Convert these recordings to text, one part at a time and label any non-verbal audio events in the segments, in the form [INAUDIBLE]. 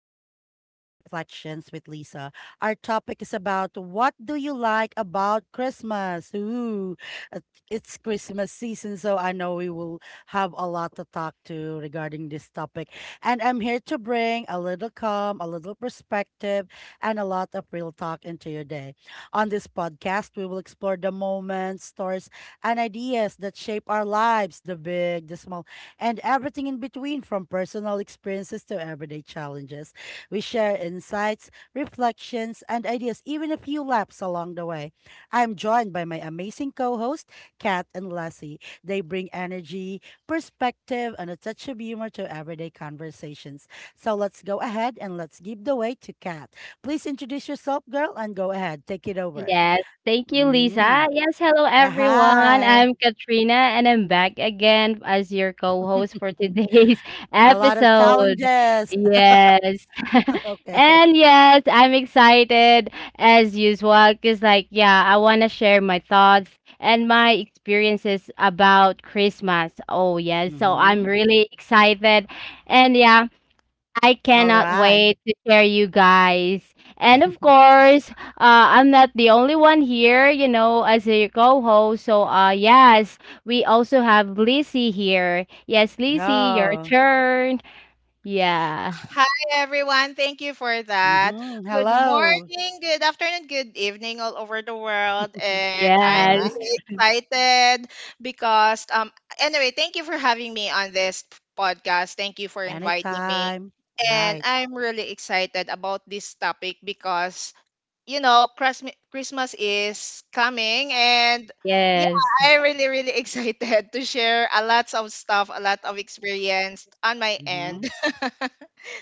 welcome to Everyday Reflections with Lisa. Our topic is about what do you like about Christmas? Uh, it's Christmas season, so I know we will have a lot to talk to regarding this topic. And I'm here to bring a little calm, a little perspective, and a lot of real talk into your day. On this podcast, we will explore the moments, stories, and ideas that shape our lives, the big, the small, and everything in between, from personal experiences to everyday challenges. We share insights, reflections, and ideas, even a few laps along the way. I'm joined by my amazing co host, Kat and Lassie. They bring energy, perspective, and a touch of humor to everyday conversations. So let's go ahead and let's give the way to Kat. Please introduce yourself, girl, and go ahead. Take it over. Yes, thank you, hmm Lisa. Yes, hello Yeah, everyone. hi. I'm Katrina and I'm back again as your co host for [LAUGHS] today's [LAUGHS] A lot of episode. challenges. Yes. [LAUGHS] [LAUGHS] Okay. and yes, I'm excited as usual because I want to share my thoughts and my experiences about Christmas. Oh, yes. So I'm Mhm. really excited. And I All cannot right. wait to share you guys. And of [LAUGHS] course, I'm not the only one here, as a co-host. So, yes, we also have Lizzie here. Yes, Lizzie, your Go. turn. Yeah. Hi, everyone. Thank you for that. Mhm. Good Hello. morning, good afternoon, good evening, all over the world. And All I'm Yes. right. really excited because, anyway, thank you for having me on this podcast. Thank you for inviting me. Anytime. And Right. I'm really excited about this topic because, Christmas is coming, and yeah, Yes. I'm really, really [LAUGHS] excited to share a lot of stuff, a lot of experience on my Mhm. end. [LAUGHS]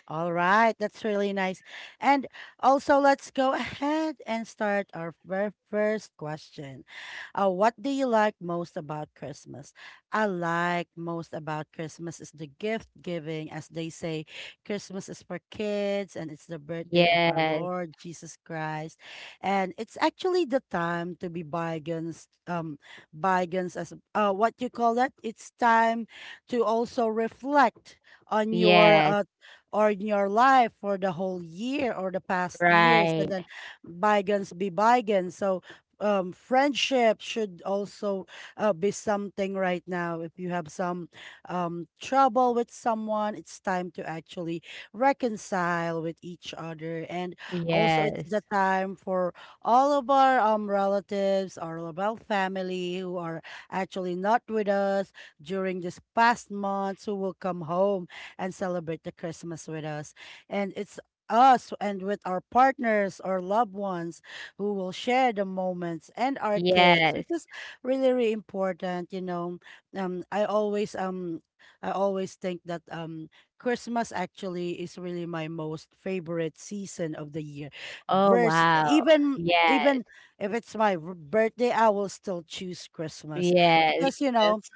All right, that's really nice. And also, let's go ahead and start our very first question. What do you like most about Christmas? I like most about Christmas is the gift giving. As they say, Christmas is for kids and it's the birthday of our Yes. Lord Jesus Christ. And it's actually the time to be bygones, bygones as what you call that? It's time to also reflect on your Yes. Or in your life for the whole year or the past years, and Right. then bygones be bygones. So friendship should also be something right now. If you have some trouble with someone, it's time to actually reconcile with each other, and also Yes. it's the time for all of our relatives, our of family, who are actually not with us during this past months, who will come home and celebrate the Christmas with us. And it's us and with our partners or loved ones who will share the moments and our kids, Yes. which is really, really important. You know, um, I always um, I always think that Christmas actually is really my most favorite season of the year. Oh, Vers wow. even, Yes. even if it's my birthday, I will still choose Christmas, Yes. because you know, Yes.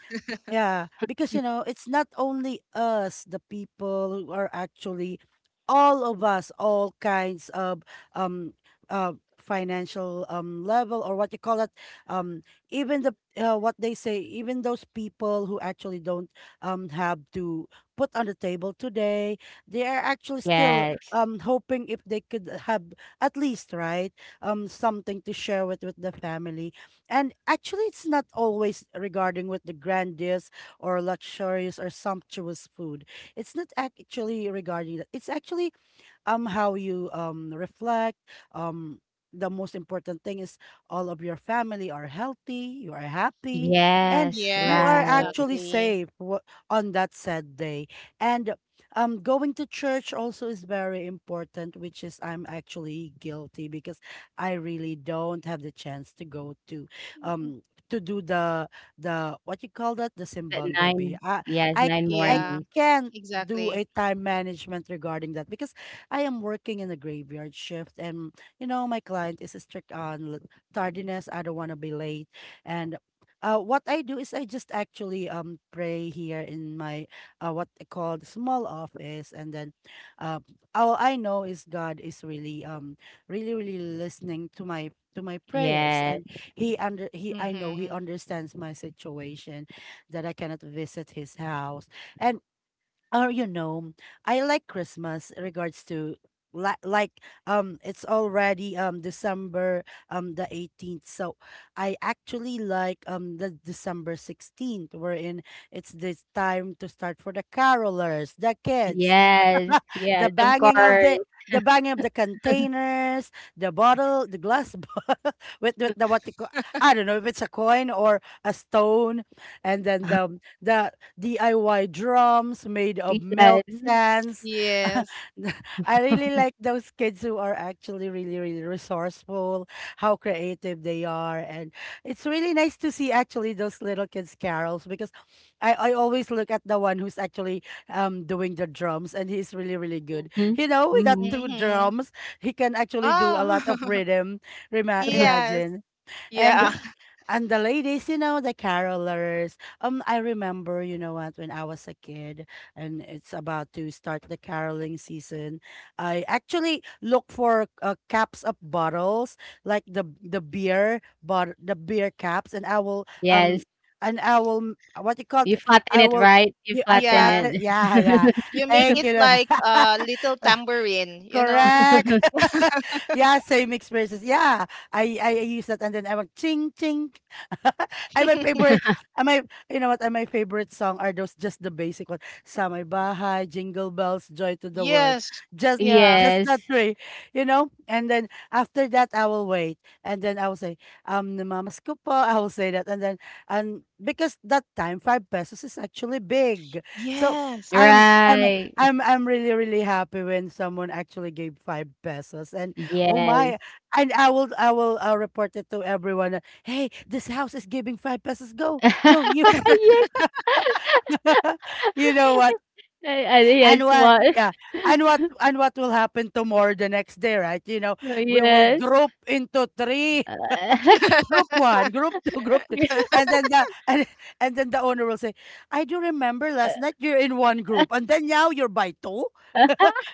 yeah, because you know, it's not only us, the people who are actually all of us, all kinds of um uh financial level, or what you call it, um even the what they say, even those people who actually don't have to put on the table today, they are actually still Yes. Hoping if they could have at least, right, something to share with the family. And actually, it's not always regarding with the grandiose or luxurious or sumptuous food. It's not actually regarding that. It's actually how you reflect um the most important thing is all of your family are healthy, you are happy, and Yes. you Yes, are Right. actually exactly. safe on that said day. And going to church also is very important, which is I'm actually guilty because I really don't have the chance to go um to do the what you call that, the At simbang gabi. 9, i yes, i 9 i Yeah, mornings. can't do exactly. a time management regarding that because I am working in a graveyard shift, and you know, my client is strict on tardiness. I don't want to be late, and what I do is I just actually pray here in my what I call the small office, and then uh, all I know is God is really really listening to my prayers, Yes, and he under he I know he Mm-hmm. understands my situation, that I cannot visit his house. And, or you know, I like Christmas in regards to like, it's already December the 18th. So I actually like the December 16th, wherein it's this time to start for the carolers, the kids, yes, [LAUGHS] the yes, of banging of course. the banging of the containers, the bottle, the glass [LAUGHS] bottle with the what you call, I don't know if it's a coin or a stone, and then the DIY drums made of milk Yes. cans. Yes. [LAUGHS] I really like those kids who are actually really really resourceful, how creative they are. And it's really nice to see actually those little kids carols, because I always look at the one who's actually doing the drums, and he's really really good, Mhm, you know, with that mhm. two Mm-hmm. drums. He can actually do a Oh, lot of [LAUGHS] rhythm. Rema [LAUGHS] yes. imagine, and Yeah. [LAUGHS] and the ladies, you know, the carolers. I remember, you know what, when I was a kid and it's about to start the caroling season, I actually look for caps of bottles, like the beer, but the beer caps, and I will Yes, what you call it? you flatten I it, will. right? You Yeah, I flatten Yeah. flatter. it. [LAUGHS] Yeah, yeah. You make Thank it you. like [LAUGHS] a little Like, tambourine, you know? correct. [LAUGHS] Yeah, same experiences. Yeah, I use that, and then I went ching ching. [LAUGHS] And my [LAUGHS] favorite, and my you know what? And my favorite song are those just the basic one. Samay Bahay, Jingle Bells, Joy to the World. Yes. Just Yeah. Yeah, just that three, you know. And then after that, I will wait, and then I will say the mamas ko po. I will say that, and then, and because that time five pesos is actually big, so Yes. I'm I'm right. I'm really really happy when someone actually gave five pesos. And oh Yes. my, and I will report it to everyone, that, "Hey, this house is giving five pesos. Go go you." [LAUGHS] Yes. [LAUGHS] You know [LAUGHS] what? I And yes, what? what? Yeah. And [LAUGHS] what? And what will happen tomorrow, the next day, right? You know, we will Yes. group into three. Uh, [LAUGHS] [LAUGHS] Group one, group two, [LAUGHS] group three, [LAUGHS] and then the, and then the owner will say, "I do remember last night you're in one group, and then now you're by two." [LAUGHS]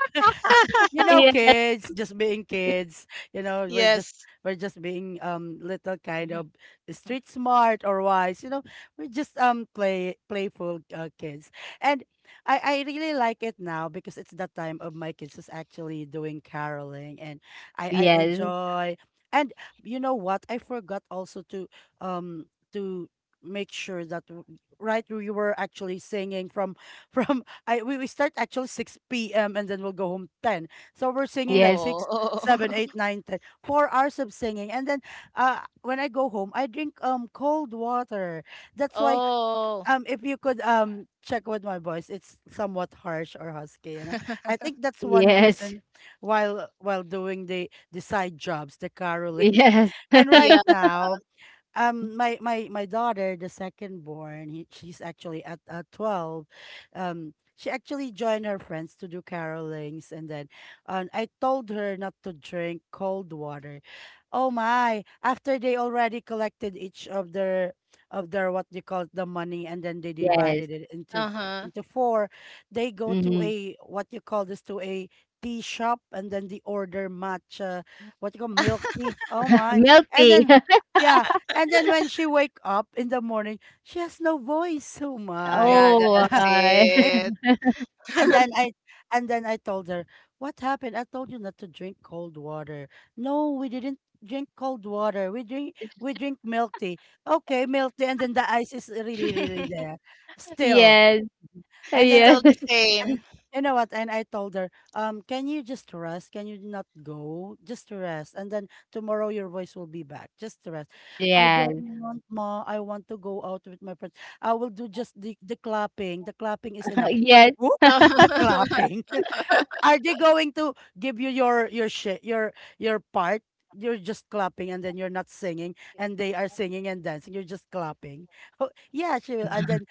You know, Yes. kids, just being kids. You know, we're just Yes. we're just being little kind Mhm. of street smart or wise. You know, we're just playful kids, and I really like it now because it's the time of my kids is actually doing caroling, and I Yes, enjoy. And you know what? I forgot also to um to make sure that right, we were actually singing from [LAUGHS] from I, we start actually 6 p.m. and then we'll go home 10. So we're singing like yes, six, Oh. seven, eight, [LAUGHS] nine, ten. 4 hours of singing, and then when I go home, I drink cold water. That's why, Oh. If you could check with my voice, it's somewhat harsh or husky. You know, I [LAUGHS] think that's one yes, reason while doing the side jobs, the caroling. yes. [LAUGHS] And [LAUGHS] right Yeah. now, my daughter, the second born, she's actually at, 12, she actually joined her friends to do carolings, and then, I told her not to drink cold water. Oh my, after they already collected each of their, what they call the money, and then they Yes. divided it into, Uh-huh. Four, they go to Mhm. a, what you call this, to a tea shop, and then they order matcha, what you call milk tea. Oh my. Milk And tea. then, [LAUGHS] yeah, and then when she wake up in the morning, she has no voice. Oh my. Yeah, [LAUGHS] Oh that's I- my. it. and then I and then I told her, "What happened? I told you not to drink cold water." "No, we didn't drink cold water. We drink milk tea." Okay, milk tea, and then the ice is really really there, [LAUGHS] still. Yes. And then I Yes. Still the [LAUGHS] and same. You know what? And I told her, can you just rest? Can you not go? Just rest. And then tomorrow your voice will be back. Just rest. "I don't Yes. want, ma. I want to go out with my friends. I will do just the clapping. The clapping is enough." [LAUGHS] Whoop, the [LAUGHS] clapping. [LAUGHS] Are they going to give you your shit, your part? You're just clapping and then you're not singing, and they are singing and dancing. You're just clapping. [LAUGHS] Oh, yeah, she will.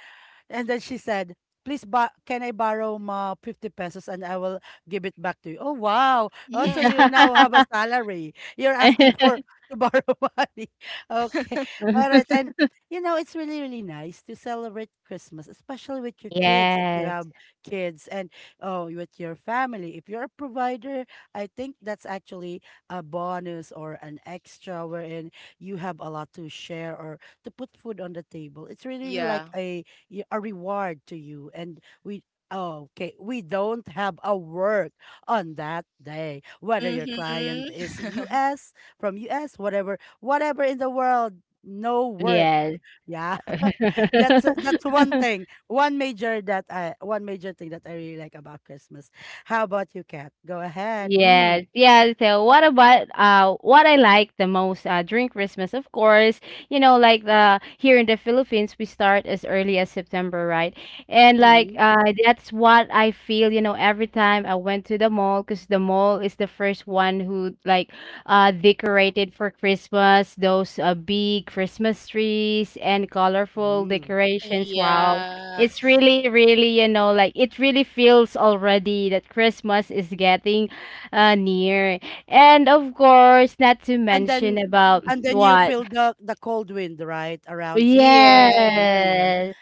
And then she said, "Please, can I borrow, ma, 50 pesos, and I will give it back to you." Oh, wow. Oh, so Mhm. you now have a [LAUGHS] Yes. salary. You're asking for to borrow [LAUGHS] money. Okay. All [LAUGHS] right. And, you know, it's really, really nice to celebrate Christmas, especially with your kids, if you have Yes. kids, and, oh, with your family. If you're a provider, I think that's actually a bonus or an extra, wherein you have a lot to share or to put food on the table. It's really Yeah. like a a reward to you. And we, oh, okay we don't have a work on that day whether your Mhm. client is [LAUGHS] us, from us, whatever in the world, no work. Yes. Yeah. [LAUGHS] That's one [LAUGHS] thing, one major thing that I really like about Christmas. How about you, Kat? Go ahead. Yes, yeah. So what about what I like the most during Christmas? Of course, like, the here in the Philippines we start as early as September, right? And like Mm-hmm, that's what I feel, you know, every time I went to the mall, because the mall is the first one who, like, decorated for Christmas, those big Christmas trees and colorful mm-hmm. decorations. Wow. Yeah. It's really, really, you know, like, it really feels already that Christmas is getting near. And of course, not to and mention then about and then you what? feel the cold wind right around 6 p.m, 7 Yeah. p.m. Yes,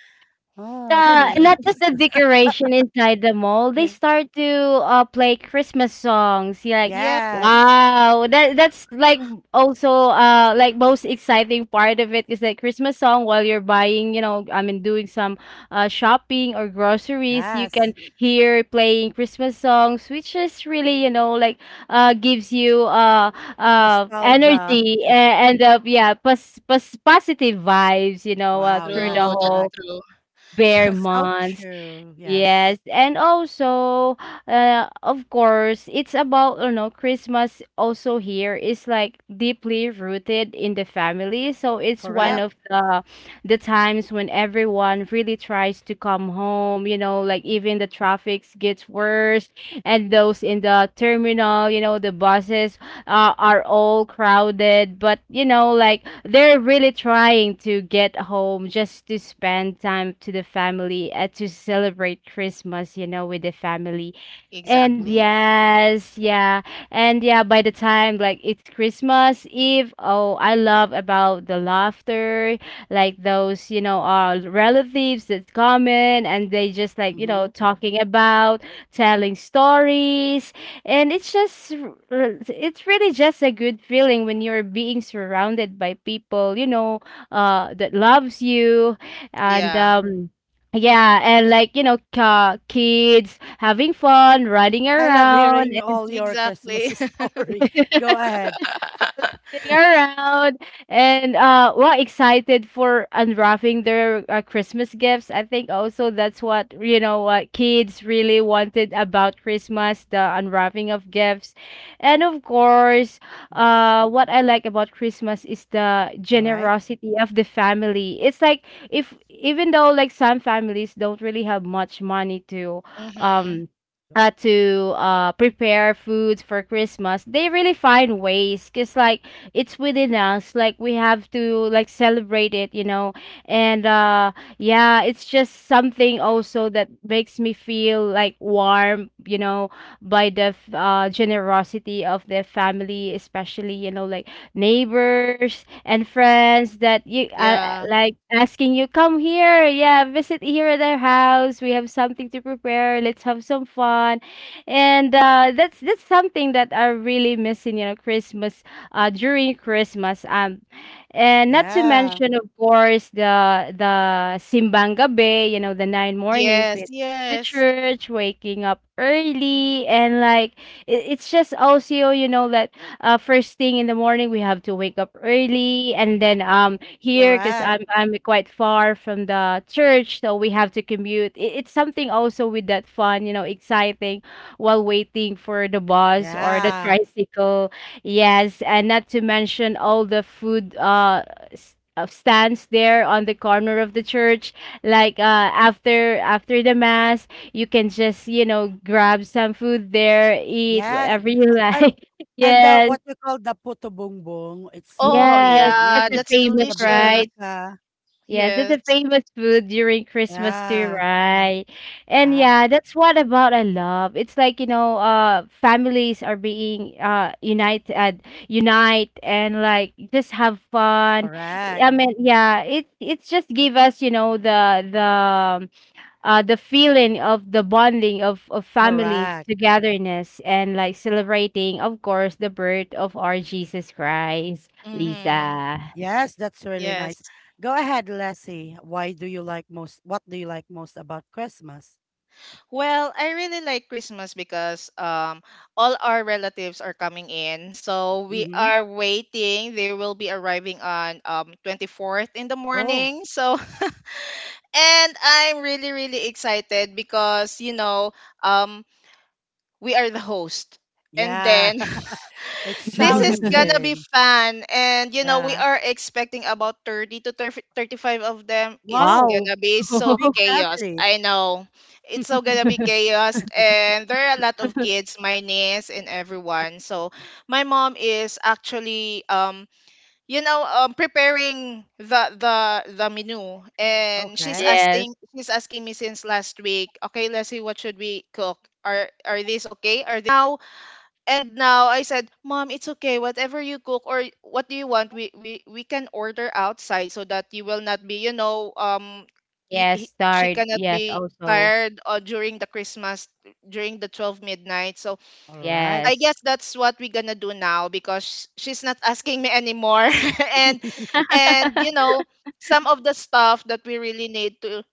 Oh, it's the really, really not [LAUGHS] just the Christmas. [LAUGHS] decoration inside the mall. They Yeah. start to play Christmas songs. You're like, Yeah. Yes. wow, that that's like also like most exciting part of it is like Christmas song while you're buying. You know, I mean, doing some shopping or groceries. You can Yes. hear playing Christmas songs, which is really, you know, like, gives you Nostalgia. energy and yeah, positive vibes. You know, Wow, through the yes, True. That's whole correct. true. bare So months. true. Yes. Yes. And also, of course, it's about, you know, Christmas also here is like deeply rooted in the family. So it's one Yep. Correct. of the times when everyone really tries to come home, you know, like Mhm. even the traffic gets worse and those in the terminal, you know, the buses are all crowded. But, you know, like they're really trying to get home just to spend time to the family, to celebrate Christmas, you know, with the family. And Exactly. Mhm. yes, yeah. And yeah, by the time like it's Christmas Eve, oh, I love about the laughter, like those, you know, our relatives that's coming and they just like, you know, Mhm. talking about, telling stories, and it's really just a good feeling when you're being surrounded by people you know that loves you and Yeah. Yeah, and like you know, kids having fun, running I love around, hearing all your Exactly. Christmas [LAUGHS] story. Go ahead. sitting [LAUGHS] around and well excited for unwrapping their Christmas gifts. I think also that's what, you know, what kids really wanted about Christmas, the unwrapping of gifts. And of course, what I like about Christmas is the All right. generosity of the family. It's like, if even though like some families don't really have much money Mm-hmm. um Colo- to prepare foods for Christmas, they really find ways. Cause like it's within us, like we have to like celebrate it, you know. And yeah, it's just something also that makes me feel like warm, you know, by the generosity of their family, especially, you know, like neighbors and friends that you Yeah. like asking you come here, yeah, visit here at their house, we have something to prepare, let's have some fun. And that's something that I really miss in, you know, Christmas, during Christmas. And not to Yeah, mention, of course, the simbang gabi, you know, the nine mornings Yes, with the yes. church, waking up early, and like, it's just also, you know, that first thing in the morning we have to wake up early, and then here because correct. I'm quite far from the church, so we have to commute. It's something also with that fun, you know, exciting while waiting for the bus or the Yeah. tricycle. Yes, and not to mention all the food, stands there on the corner of the church. Like, after after the mass, you can just, you know, grab some food there, eat Yes. whatever you And like. [LAUGHS] and the, Yes, what we call the puto bongbong, it's Oh, really, yes, really, that's yeah, a that's famous, the delicious. right? bibingka. Yes, that's a Yes. famous food during Christmas too, Yeah. right? And Ah, yeah, that's what about I love. It's like, you know, families are being unite and like just have fun. correct. I mean, yeah, it's just give us, you know, the the um, the feeling of the bonding of family Correct. togetherness and like celebrating, of course, the birth of our Jesus Christ, Lisa. Mm-hmm. Yes, that's really nice. Yes. Go ahead, Leslie. Why do you like most? What do you like most about Christmas? Well, I really like Christmas because all our relatives are coming in. So we Mm-hmm. are waiting. They will be arriving on 24th in the Oh, morning. So [LAUGHS] and I'm really, really excited because um we are the host. And yeah. then [LAUGHS] [LAUGHS] It's this is gonna be challenging. fun, and we Yeah. are expecting about 30 to 30 Wow. 35 of [LAUGHS] them. It's Wow. gonna be so Big chaos, family. I [LAUGHS] know. It's so gonna be chaos, and there are a lot of kids, my niece and everyone. So my mom is actually, preparing the the Yes, the Okay. menu, and she's asking me since last week. Okay, let's see what should we cook. Are this okay? Are Mm-hmm. this one is okay? What do you think? What do you think, as he's she's asking me like that? Mhm. And right. now, I said, "Mom, it's okay. Whatever you cook or what do you want, we can order outside so that you will not be, she cannot be tired Yes, during the start. Yes, Christmas, also. during the 12 midnight." So, I guess that's what we're All going to do right. now, Yes. because she's not asking me anymore. [LAUGHS] and and some of the stuff that we really need to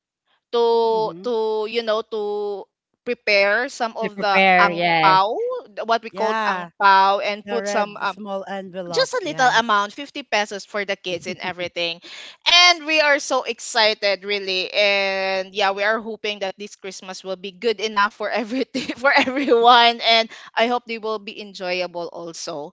to to you Mm-hmm. know to prepare, some of the ang pao, To prepare, what we called yes. ang Yeah. pao, and put The some, red small just envelope. a little Yes. amount, 50 pesos for the kids and [LAUGHS] everything. And we are so excited, really. And yeah, we are hoping that this Christmas will be good enough for everything [LAUGHS] for everyone. And I hope they will be enjoyable also,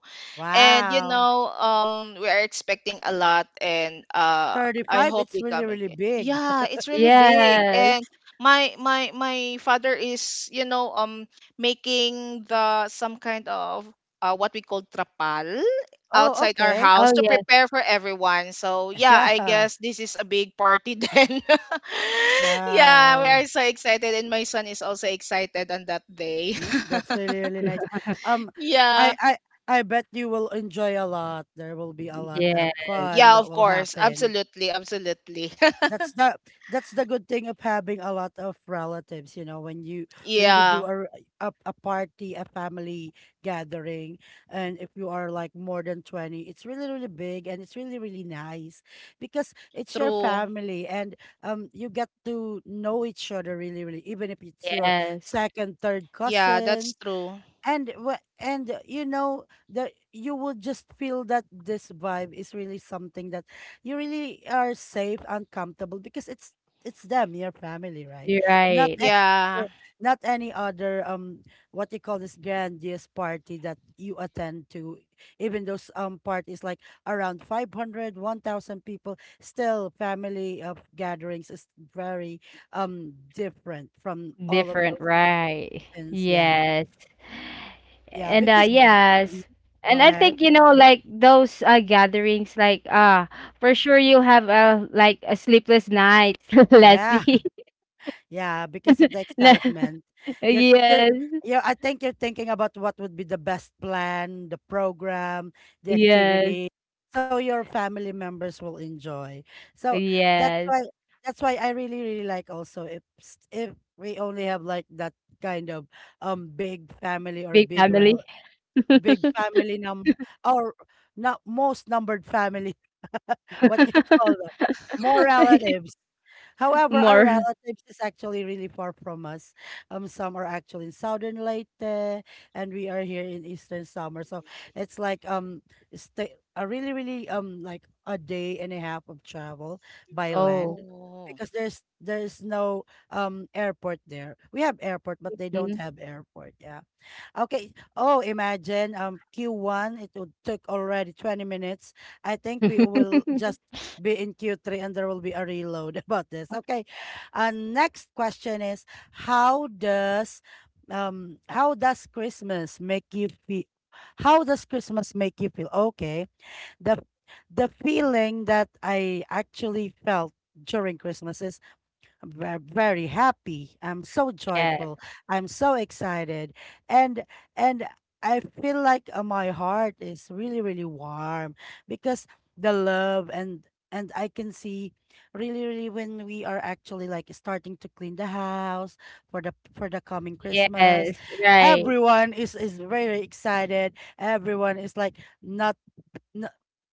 and Wow. We are expecting a lot, and I 35. hope It's they really, come really again. big. Yeah, [LAUGHS] it's really big. Yes. And my father is, making the some kind of what we call trapal Oh, outside our okay. house Oh, to yes. prepare for everyone. So [LAUGHS] yeah, I Yeah. guess this is a big party, [LAUGHS] then. Yeah, we Wow. are so excited, and my son is also excited on that day. Mm, that's really, really nice. Um, I, [LAUGHS] Yeah. I, I bet you will enjoy a lot. There will be a lot of Yes. fun Yeah, that of will course. happen. Absolutely, absolutely. [LAUGHS] That's the that's the good thing of having a lot of relatives, you know, when you do Yeah, a party, a family gathering, and if you are like more than 20, it's really really big and it's really really nice because it's your true. family, and you get to know each other, really really, even if it's your Yes. second, third Yeah, that's cousins. true. And you know that you will just feel that this vibe is really something that you really are safe and comfortable because it's them, your family, right? You're not right. any, Yeah. other- Not any other, what you call this, grandiose party that you attend to. Even those parties like around five hundred, 1000 people, still, family of gatherings is very different from all of Different, those right. occasions. Yes. Yes. Yeah, And because... Mhm. yes. Go And I ahead. think you know like those gatherings like for sure you have a like a sleepless night, [LAUGHS] Yeah. [LAUGHS] Leslie. Yeah, because of the [LAUGHS] Na- excitement. [LAUGHS] You're you're yes. you I think you're thinking about what would be the best plan, the program, the Yes. activity, so your family members will enjoy. So that's why Yes. that's why I really really like also, if we only have like that kind of, big family, or Big big family. [LAUGHS] big family num or not most numbered family. [LAUGHS] What you call [LAUGHS] that? More relatives. However, our More relatives is actually really far from us. Some are actually in southern Leyte and we are here in eastern summer, so it's like, stay a really really, like a day and a half of travel by land, oh, Oh, because there's no airport there. We have airport but they don't mhm. have airport. Yeah. Okay. Oh, imagine Q1 it would took already 20 minutes. I think we will just [LAUGHS] be in Q3 and there will be a reload [LAUGHS] about this. Okay. Next question is, how does how does Christmas make you feel? How does Christmas make you feel? Okay. The the feeling that I actually felt during Christmas is, very happy. I'm so Yeah, joyful. I'm so excited. And and I feel like my heart is really really warm, because the love, and I can see, really really, when we are actually like starting to clean the house for the coming Christmas. yes, right, Everyone is very excited. Everyone is like, not, no,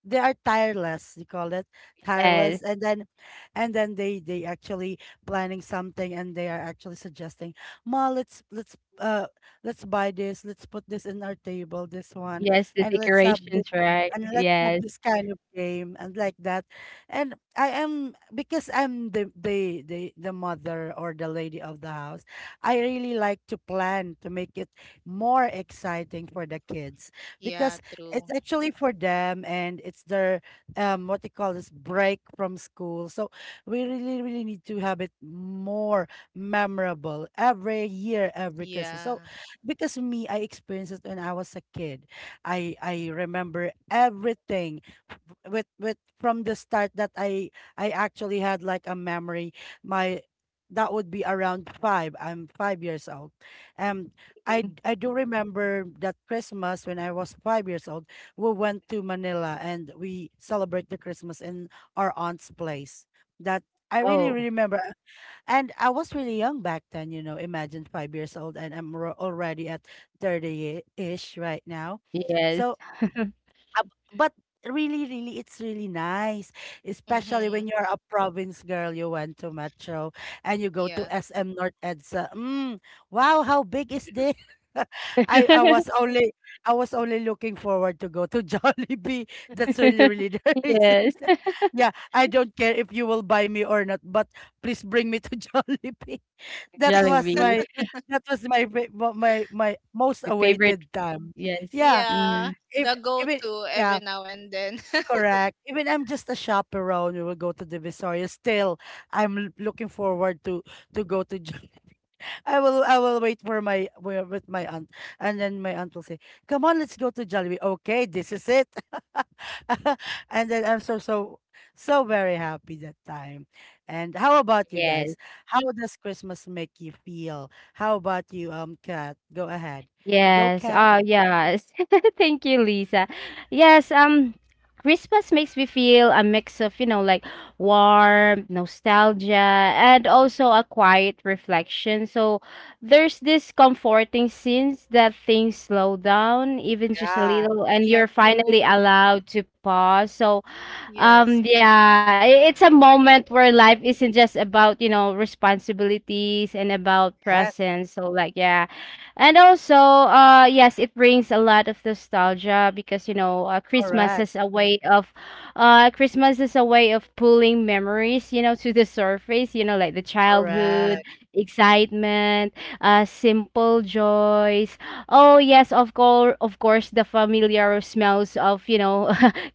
they are tireless, you call it, tireless. yes. And then and then they actually planning something, and they are actually suggesting, ma, let's buy this, let's put this in our table, this one, Yes, the and let's have this decorations, right? and let's have Yes. this kind of game, and like that. And I am, because I'm the mother or the lady of the house, I really like to plan, to make it more exciting for the kids, yeah, because it's true. actually for them, and it's their, what they call this, break from school. So we really, really need to have it more memorable every year, every Christmas. So Yeah. because me, I experienced it when I was a kid. I remember everything, f- with from the start, that I actually had like a memory. My, that would be around five. I'm 5 years old. Um I do remember that Christmas when I was 5 years old, we went to Manila and we celebrate the Christmas in our aunt's place. That I really Oh, remember, and I was really young back then. You know, imagine, 5 years old, and I'm already at 30 ish right now. yes. So, ab but really, really, it's really nice, especially when Mm-hmm. you're a province girl, you went to Metro and you go to Yeah. SM North EDSA. Mm, wow, how big is this? [LAUGHS] I I was [LAUGHS] only I was only looking forward to go to [LAUGHS] Jollibee. That's really really the [LAUGHS] reason. Yes, Yeah, I don't care if you will buy me or not, but please bring me to [LAUGHS] Jollibee. That was Jollibee, my, my most my favorite awaited time. yes, Yeah, Yeah, mm, if the even, go-to every yeah, now and then. [LAUGHS] correct. Even I'm just a chaperone. We will go to the Divisoria. Still, I'm looking forward to, go to. [LAUGHS] I will wait for my, with my aunt, and then my aunt will say, "Come on, let's go to Jollibee." Okay, this is it. [LAUGHS] And then I'm so, so, so very happy that time. And how about you yes. guys? How does Christmas make you feel? How about you, Kat? Go ahead. Go, Yes. Kat. Oh, yes. [LAUGHS] Thank you, Lisa. Yes, Christmas makes me feel a mix of, you know, like warm, nostalgia, and also a quiet reflection. So there's this comforting sense that things slow down even just a Yeah. little and Yeah, you're finally true. allowed to pause. So Yes. Yeah, it's a moment where life isn't just about, you know, responsibilities and about Yes. presence. So like, yeah. And also, yes, it brings a lot of nostalgia because, you know, Correct. Christmas is a way of pulling memories, you know, to the surface, you know, like the childhood, Correct. excitement, simple joys. Oh, yes, of course, the familiar smells of, you know, [LAUGHS]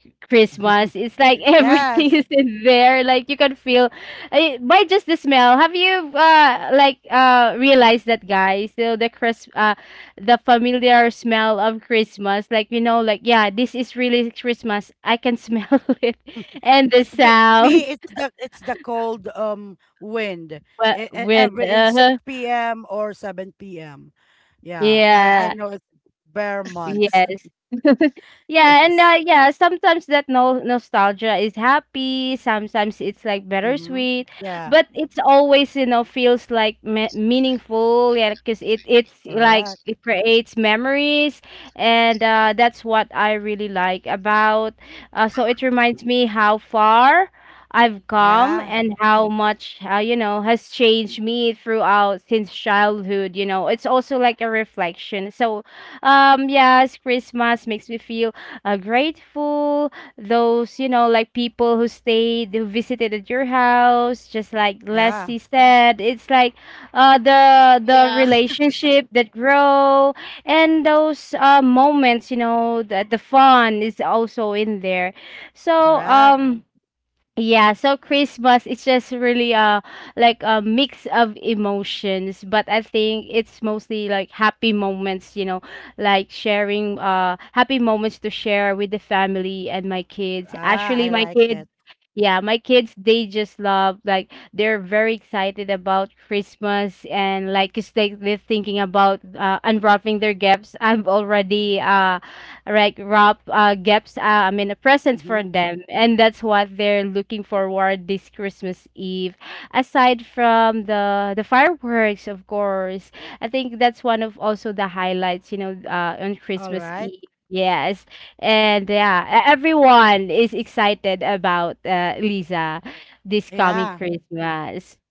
[LAUGHS] Christmas. It's like [LAUGHS] everything Yes. is in there. Like you can feel eh, by just the smell. Have you like realized that guys? So the Chris the familiar smell of Christmas. Like you know, like yeah, this is really Christmas. I can smell [LAUGHS] it, and the It's me. sound. It's the cold wind. But when Every in six p.m. or seven p.m. Yeah, I yeah, know it's bare months. yes. [LAUGHS] [LAUGHS] Yeah, and Yes. yeah, sometimes that no nostalgia is happy. Sometimes it's like Mm-hmm. bittersweet, Yeah. but it's always you know feels like meaningful. Yeah, because it's like Correct. it creates memories, and that's what I really like about. So it reminds me how far I've come Yeah. and how much you know has changed me throughout since childhood. You know, it's also like a reflection. So yes, Christmas makes me feel grateful. Those you know like people who stayed, who visited at your house, just like Yeah. Leslie said, it's like the Yeah. [LAUGHS] relationship that grow and those moments you know that the fun is also in there. So Correct. Yeah, so Christmas, it's just really like a mix of emotions, but I think it's mostly like happy moments, you know, like sharing happy moments to share with the family and my kids. Ah, Actually, I my like kids it. yeah, my kids they just love, like, they're very excited about Christmas and like 'cause they they're thinking about unwrapping their gifts. I've already like wrap gaps I mean a present for Mm-hmm. them, and that's what they're looking forward this Christmas Eve, aside from the fireworks of course. I think that's one of also the highlights, you know, on All Christmas right. Eve, yes. And yeah, everyone is excited about Lisa, this coming Yeah. Christmas. [LAUGHS]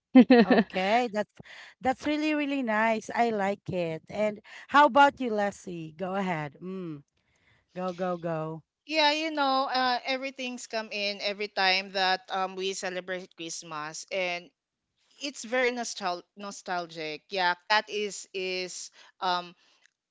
Okay. That's really really nice. I like it. And how about you, Leslie? Go ahead. Mm. Go, go, go. Yeah, everything's come in every time that we celebrate Christmas, and it's very nostalgic. Yeah, cat is um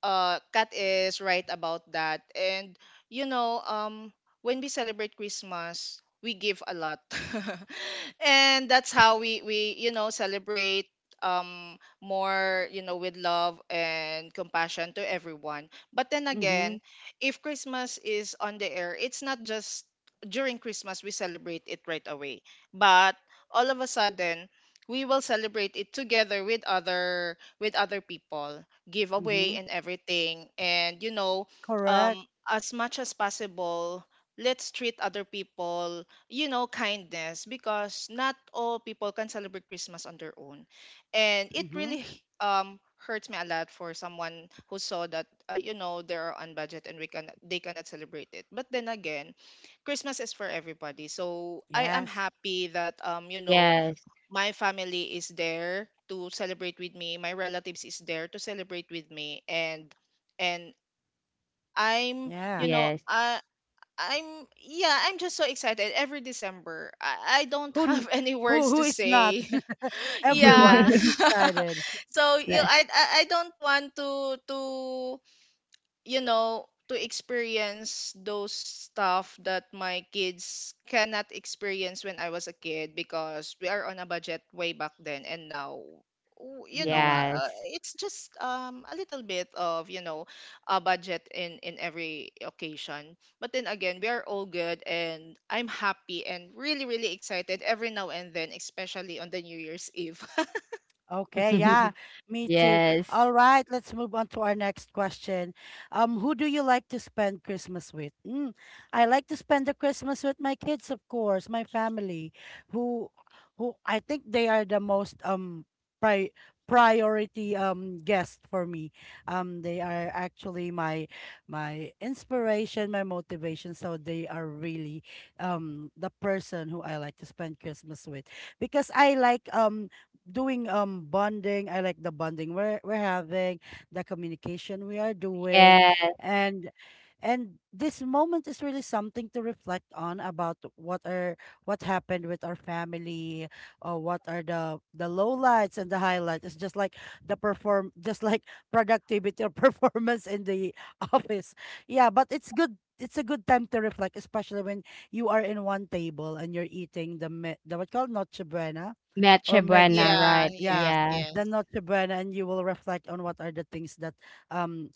Kat is right about that. And you know, um when we celebrate Christmas, we give a lot. [LAUGHS] And that's how we celebrate more, with love and compassion to everyone. But then Mm-hmm. again, if Christmas is on the air, it's not just during Christmas we celebrate it right away. But all of a sudden, we will celebrate it together with other people, giveaway Mm-hmm. and everything. And Correct. As much as possible, let's treat other people, kindness, because not all people can celebrate Christmas on their own. And it Mm-hmm. really hurts me a lot for someone who saw that, they're on budget and we can they cannot celebrate it. But then again, Christmas is for everybody. So I am Yes. happy that, Yes, my family is there to celebrate with me, my relatives is there to celebrate with me, and i'm you Yeah. know yes. i i'm yeah I'm just so excited every December. I don't Who n- have [LAUGHS] any words who to is not? say. [LAUGHS] [LAUGHS] Everyone Yeah. is [LAUGHS] excited. [LAUGHS] so you I don't want to you know to experience those stuff that my kids cannot experience when I was a kid, because we are on a budget way back then. And now, w- you know Mm-hmm. uh, Yes. uh, it's just a little bit of, a budget in every occasion. But then again, we are all good, and I'm happy and really, really excited every now and then, especially on the New Year's Eve. [LAUGHS] Okay, yeah, [LAUGHS] me too. Yes, All right, let's move on to our next question. Who do you like to spend Christmas with? Mm, I like to spend the Christmas with my kids, of course, my family, who, I think they are the most, pri priority, guest for me. They are actually my, inspiration, my motivation. So they are really, the person who I like to spend Christmas with, because I like, doing, bonding. I like the bonding we're having, the communication we are doing. yes. And this moment is really something to reflect on, about what happened with our family, or what are the lowlights and the highlights. It's just like the perform [LAUGHS] just like productivity, or [LAUGHS] performance in the [LAUGHS] office. Yeah, but it's good. It's a good time to reflect, especially when you are in 1 table and you're eating the, what called, noche buena, or Noche Buena, medjan. Yeah, right, Yeah, yes, yeah, the yes. Noche Buena, and you will reflect on what are the things that, um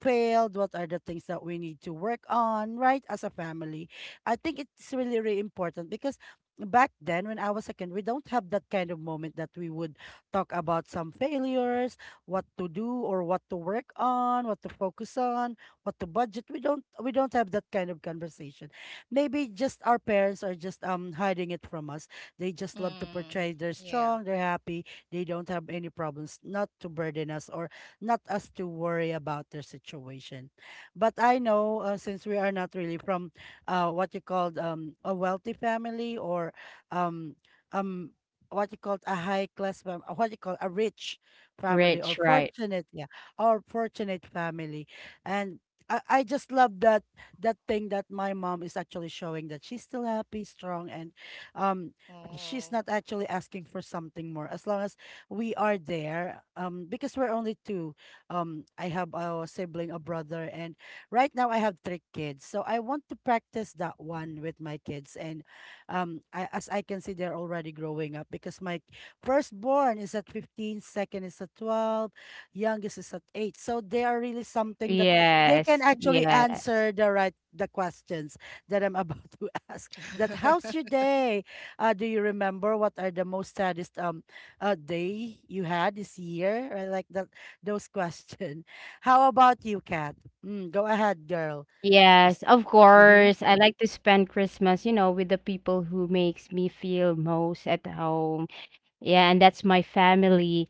failed, what are the things that we need to work on, right, as a family. I think it's really, really important, because back then when I was a kid, we don't have that kind of moment that we would talk about some failures, what to do or what to work on, what to focus on, what to budget. We don't have that kind of conversation. Maybe just our parents are just, hiding it from us. They just love to Mm, portray, they're yeah. strong, they're happy, they don't have any problems, not to burden us, or not us to worry about their situation. But I know, since we are not really from, what you called, a wealthy family, or um, um, what you called, a high class, what you call a rich family, or rich, right. fortunate, yeah, or fortunate family. And, I just love that, thing that my mom is actually showing, that she's still happy, strong, and, um she's Oh. not actually asking for something more, as long as we are there, because we're only two. I have a sibling, a brother. And right now I have 3 kids. So I want to practice that one with my kids, and, I, as I can see, they're already growing up, because my firstborn is at 15, second is at 12, youngest is at 8. So they are really something that they can Yes, actually yeah, answer the right, the questions that I'm about [LAUGHS] to ask. That, how's your [LAUGHS] day? Do you remember what are the most saddest, day you had this year? Right, like that those questions. [LAUGHS] How about you, Kat? Go ahead, girl. Is yes, of mm-hmm, course, I like to spend Christmas, you know, with the people who makes me feel most at home, yeah, and that's my family.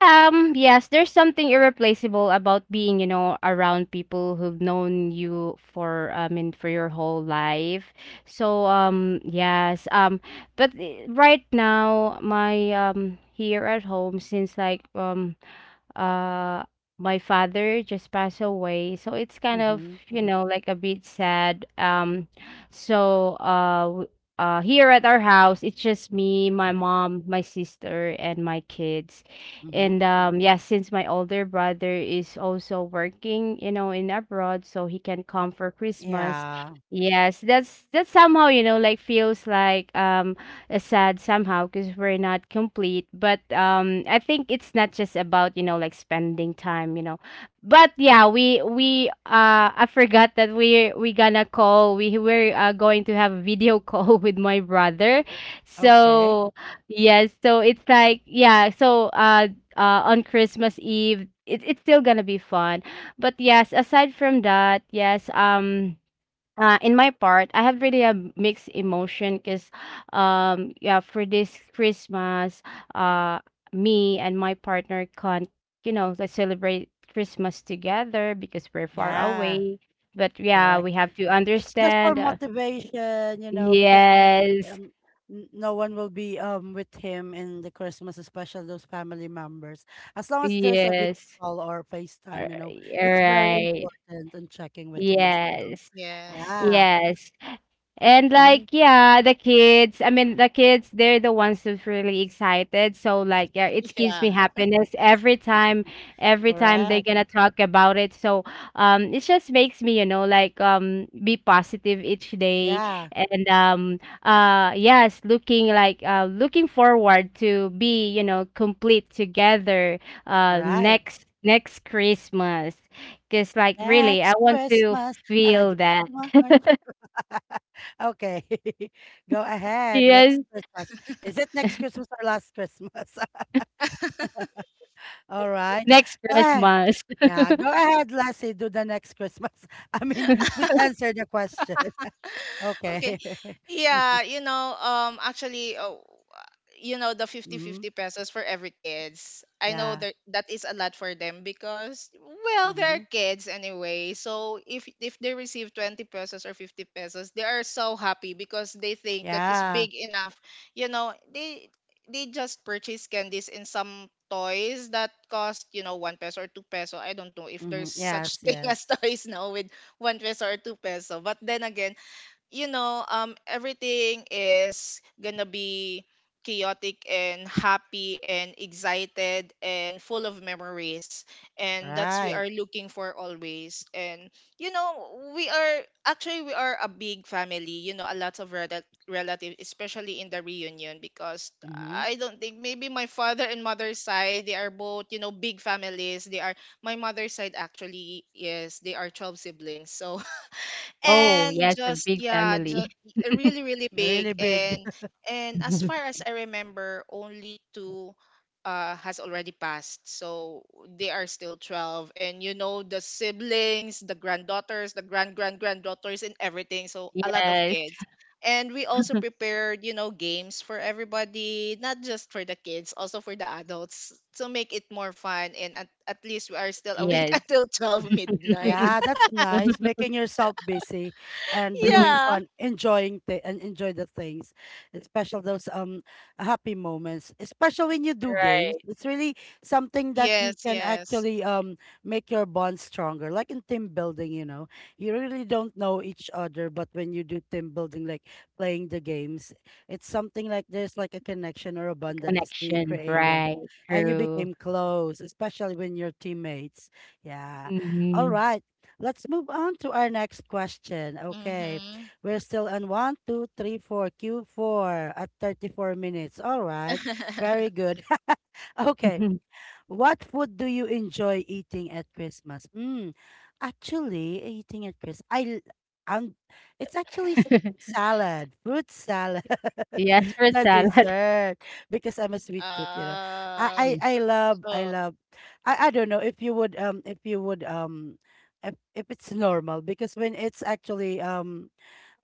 Yes, there's something irreplaceable about being, you know, around people who've known you for, I mean, for your whole life. So, but eh, right now, here at home, since like, uh my father just passed away, so it's kind of mm-hmm, you know like a bit sad. So uh w- here at our house it's just me, my mom, my sister and my kids. mm-hmm. And yeah, since my older brother is also working you know in abroad, so he can come for Christmas. Yeah. Yes, that's somehow you know like feels like sad somehow because we're not complete. But I think it's not just about you know like spending time, you know. But yeah, we I forgot that we gonna call. We're going to have a video [LAUGHS] call with my brother. Okay. So yes, so it's like yeah. So on Christmas Eve. It's still gonna be fun but yes aside from that yes in my part, I have really a mixed emotion because, yeah, for this Christmas, uh, me and my partner can't, you know, like, celebrate Christmas together because we're far Yeah. away. But yeah, Correct. we have to It's just for understand. Motivation, you know, because Yes, um, no one will be with him in the Christmas, especially those family members. As long as there's a video yes, call or all FaceTime, you know, it's very right, important and checking with him as well. yes, Yes. Yeah. yes. And like Mm-hmm. yeah, the kids, I mean the kids, they're the ones who's really excited. So like yeah, [LAUGHS] it gives Yeah. me happiness every time they're Correct. gonna talk about it. So it just makes me, you know, like be positive each day Yeah. and yes, looking like looking forward to be, you know, complete together All uh right. next next Christmas. Cause like really I Next want to Christmas, I give feel that. you my heart. [LAUGHS] [LAUGHS] Okay, [LAUGHS] go ahead. Yes. Next Christmas. Is it next Christmas or last Christmas? [LAUGHS] All right. Next Go ahead. Christmas. Yeah, go ahead, Lassie. Do the next Christmas. [LAUGHS] I mean, please answer the question. [LAUGHS] [LAUGHS] Okay. Okay. Yeah, [LAUGHS] actually. Oh. The fifty Mm-hmm. fifty pesos for every kids, I know Yeah. that that is a lot for them, because well, they're Mm-hmm. kids anyway. So if they receive 20 pesos or 50 pesos, they are so happy because they think that is Yeah. big enough. you know they they just purchase candies in some toys that cost, 1 peso or 2 peso. I don't know if Mm-hmm. there's Yes, such [LAUGHS] thing as yes. toys now with 1 peso or two peso. But then again, everything is gonna be chaotic and happy and excited and full of memories, and that's we Right. are looking for always. And we are actually, we are a big family, a lot of relative, especially in the reunion, because Mm-hmm. I don't think, maybe my father and mother's side, they are both, big families. They are My mother's side actually, yes, they are 12 siblings. So, Oh, and yes, a just big yeah family. just [LAUGHS] really, really big. Really big. And as far as I remember, only two has already passed. So they are still 12. And the siblings, the granddaughters, the grand grand granddaughters, and everything. So a lot of Yes, kids, and we also prepared, games for everybody, not just for the kids, also for the adults, to make it more fun. And at least we are still awake [LAUGHS] yes. until 12 midnight. Yeah, [LAUGHS] that's nice. [LAUGHS] Making yourself busy and doing Yeah. fun, enjoying th and enjoy the things, especially those happy moments. Especially when you do games, Right. it's really something that you Yes, can yes. actually make your bond stronger. Like in team building, you know, you really don't know each other, but when you do team building, like playing the games, it's something like there's like a connection or a bond that is being Connection. created, Right. and you True. became close, especially when you're teammates. Yeah. All Hmm. right. Let's move on to our next question. Okay. Mm-hmm. We're still on one, two, three, four, Q4 at 34 minutes. All right. Very [LAUGHS] good. [LAUGHS] okay. [LAUGHS] What food do you enjoy eating at Christmas? Actually, eating at Christmas, um, it's actually salad, fruit salad, Yes, [LAUGHS] fruit the salad. dessert, because I'm a sweet tooth, you know. Uh. I [LAUGHS] love, Oh, I don't know if you would, if you would, if it's normal, because when it's actually, um,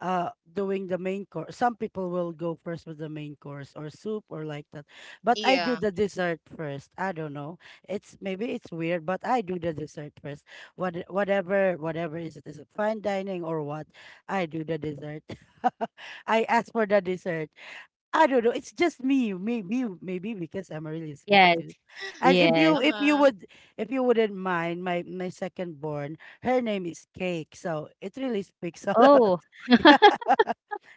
uh doing the main course, some people will go first with the main course or soup or like that, but I do yeah. the dessert first. I don't know, it's maybe it's weird, but I do the dessert first. Whatever, whatever is it, is it fine dining or what, I do the dessert. [LAUGHS] I ask for the dessert. I don't know, it's just me, maybe maybe because I'm a really [LAUGHS] sweet Yes. tooth. And Yes. If you Uh-huh. would, if you wouldn't mind, my second born, her name is Cake, so it really speaks a lot. Oh, [LAUGHS] [LAUGHS]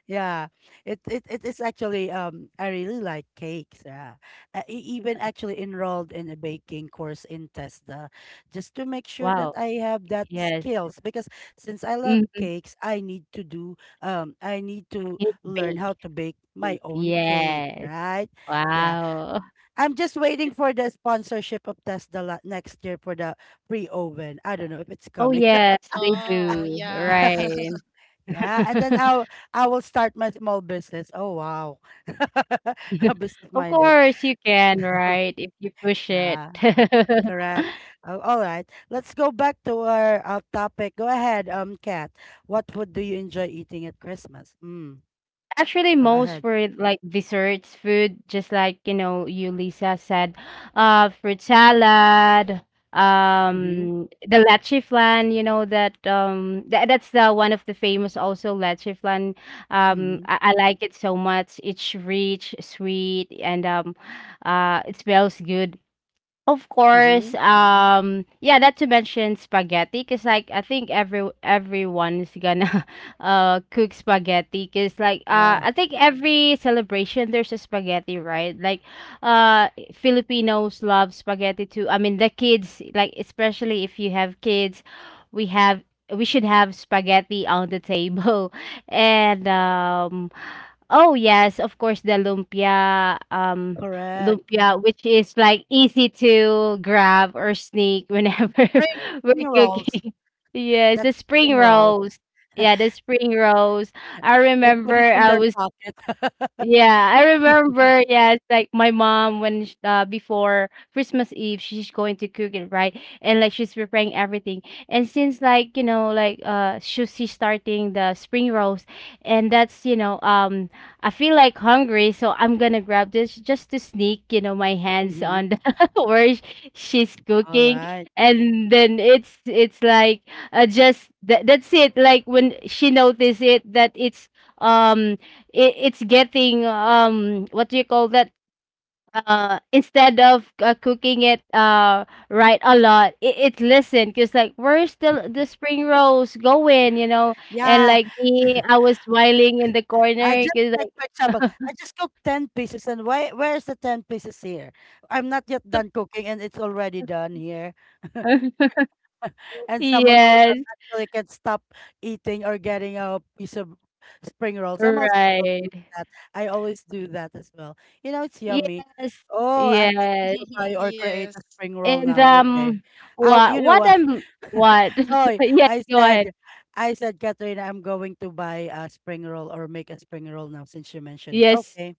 Yeah, it is actually I really like cakes. Yeah, I even actually enrolled in a baking course in Tesda, just to make sure that wow. I have that Yes. skills, because since I love Mm, cakes, I need to do I need to it's learn baked. how to bake my own cake, Yes. right? Yeah, Wow. I'm just waiting for the sponsorship of Tesda next year for the free oven. I don't know if it's Oh, coming. yes, they Oh, do. yeah. [LAUGHS] Right. [LAUGHS] Yeah, and then [LAUGHS] I will start my small business. Oh wow. [LAUGHS] [LAUGHS] Business Of minded. course, you can, [LAUGHS] right? If you push it. Yeah, [LAUGHS] correct. Oh, all right. Let's go back to our topic. Go ahead, Kat. What food do you enjoy eating at Christmas? Mm, Actually, go most ahead. for like desserts, food, just like you know, you Lisa said, fruit salad, Mm-hmm. The leche flan. You know that that's the one of the famous also leche flan. Mm-hmm. I like it so much. It's rich, sweet, and it smells good. Of course, Mm-hmm. Yeah, not to mention spaghetti, cause like I think everyone is gonna [LAUGHS] cook spaghetti, cause like Yeah, I think every celebration there's a spaghetti, right? Like, uh, Filipinos love spaghetti too. I mean, the kids, like especially if you have kids, we have we should have spaghetti on the table, [LAUGHS] and oh yes, of course the lumpia, um correct. lumpia, which is like easy to grab or sneak whenever Spring, [LAUGHS] spring we're rolls. cooking. [LAUGHS] Yes, the That's a spring spring roll. rolls. Yeah, the spring rolls. I They remember put it in I their was pocket. [LAUGHS] yeah, I [LAUGHS] remember. Yeah, it's like my mom before Christmas Eve, she's going to cook it, right? And like she's preparing everything. And since like you know, like she's starting the spring rolls, and that's you know, I feel like hungry, so I'm gonna grab this just to sneak, you know, my hands Mhm. on the [LAUGHS] where sh- she's cooking. Alright. And then it's like just that that's it. Like when she noticed it that it's um it, it's getting what do you call that instead of cooking it right a lot it, it listened because like where's the spring rolls going you know and Yeah, like me I was whiling in the I corner just because like, like for example, I just cooked 10 pieces and why where's the 10 pieces here? I'm not yet done cooking and it's already done here. [LAUGHS] [LAUGHS] And someone will yes not actually can stop eating or getting a piece of spring rolls. I'm also guilty right with that. I always do that as well. You know, it's yummy. yes Oh, I'm thinking yes to buy or create Yes. a spring roll and now. Okay. Oh, you know what what? I'm [LAUGHS] what Oh, [LAUGHS] yes I go ahead said, I said, Katrina, I'm going to buy a spring roll or make a spring roll now since you mentioned it. yes Okay.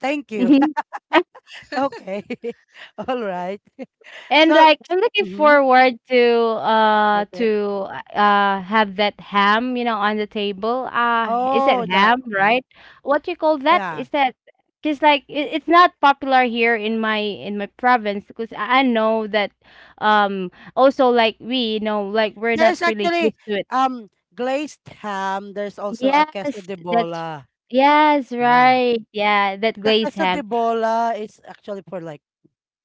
Thank you. [LAUGHS] [LAUGHS] okay. [LAUGHS] All right. [LAUGHS] And So, like I'm looking mm-hmm. forward to uh okay. to uh have that ham, you know, on the table. Uh, is Oh, it the ham, right? What do you call that? yeah. Is that because like it, it's not popular here in my province because I know that um also like we you know like we're not There's really actually used to it. Glazed ham. There's also a queso Yes, de that's bola. yes, Yeah. right. Yeah, that The glazed queso de ham. bola is actually for like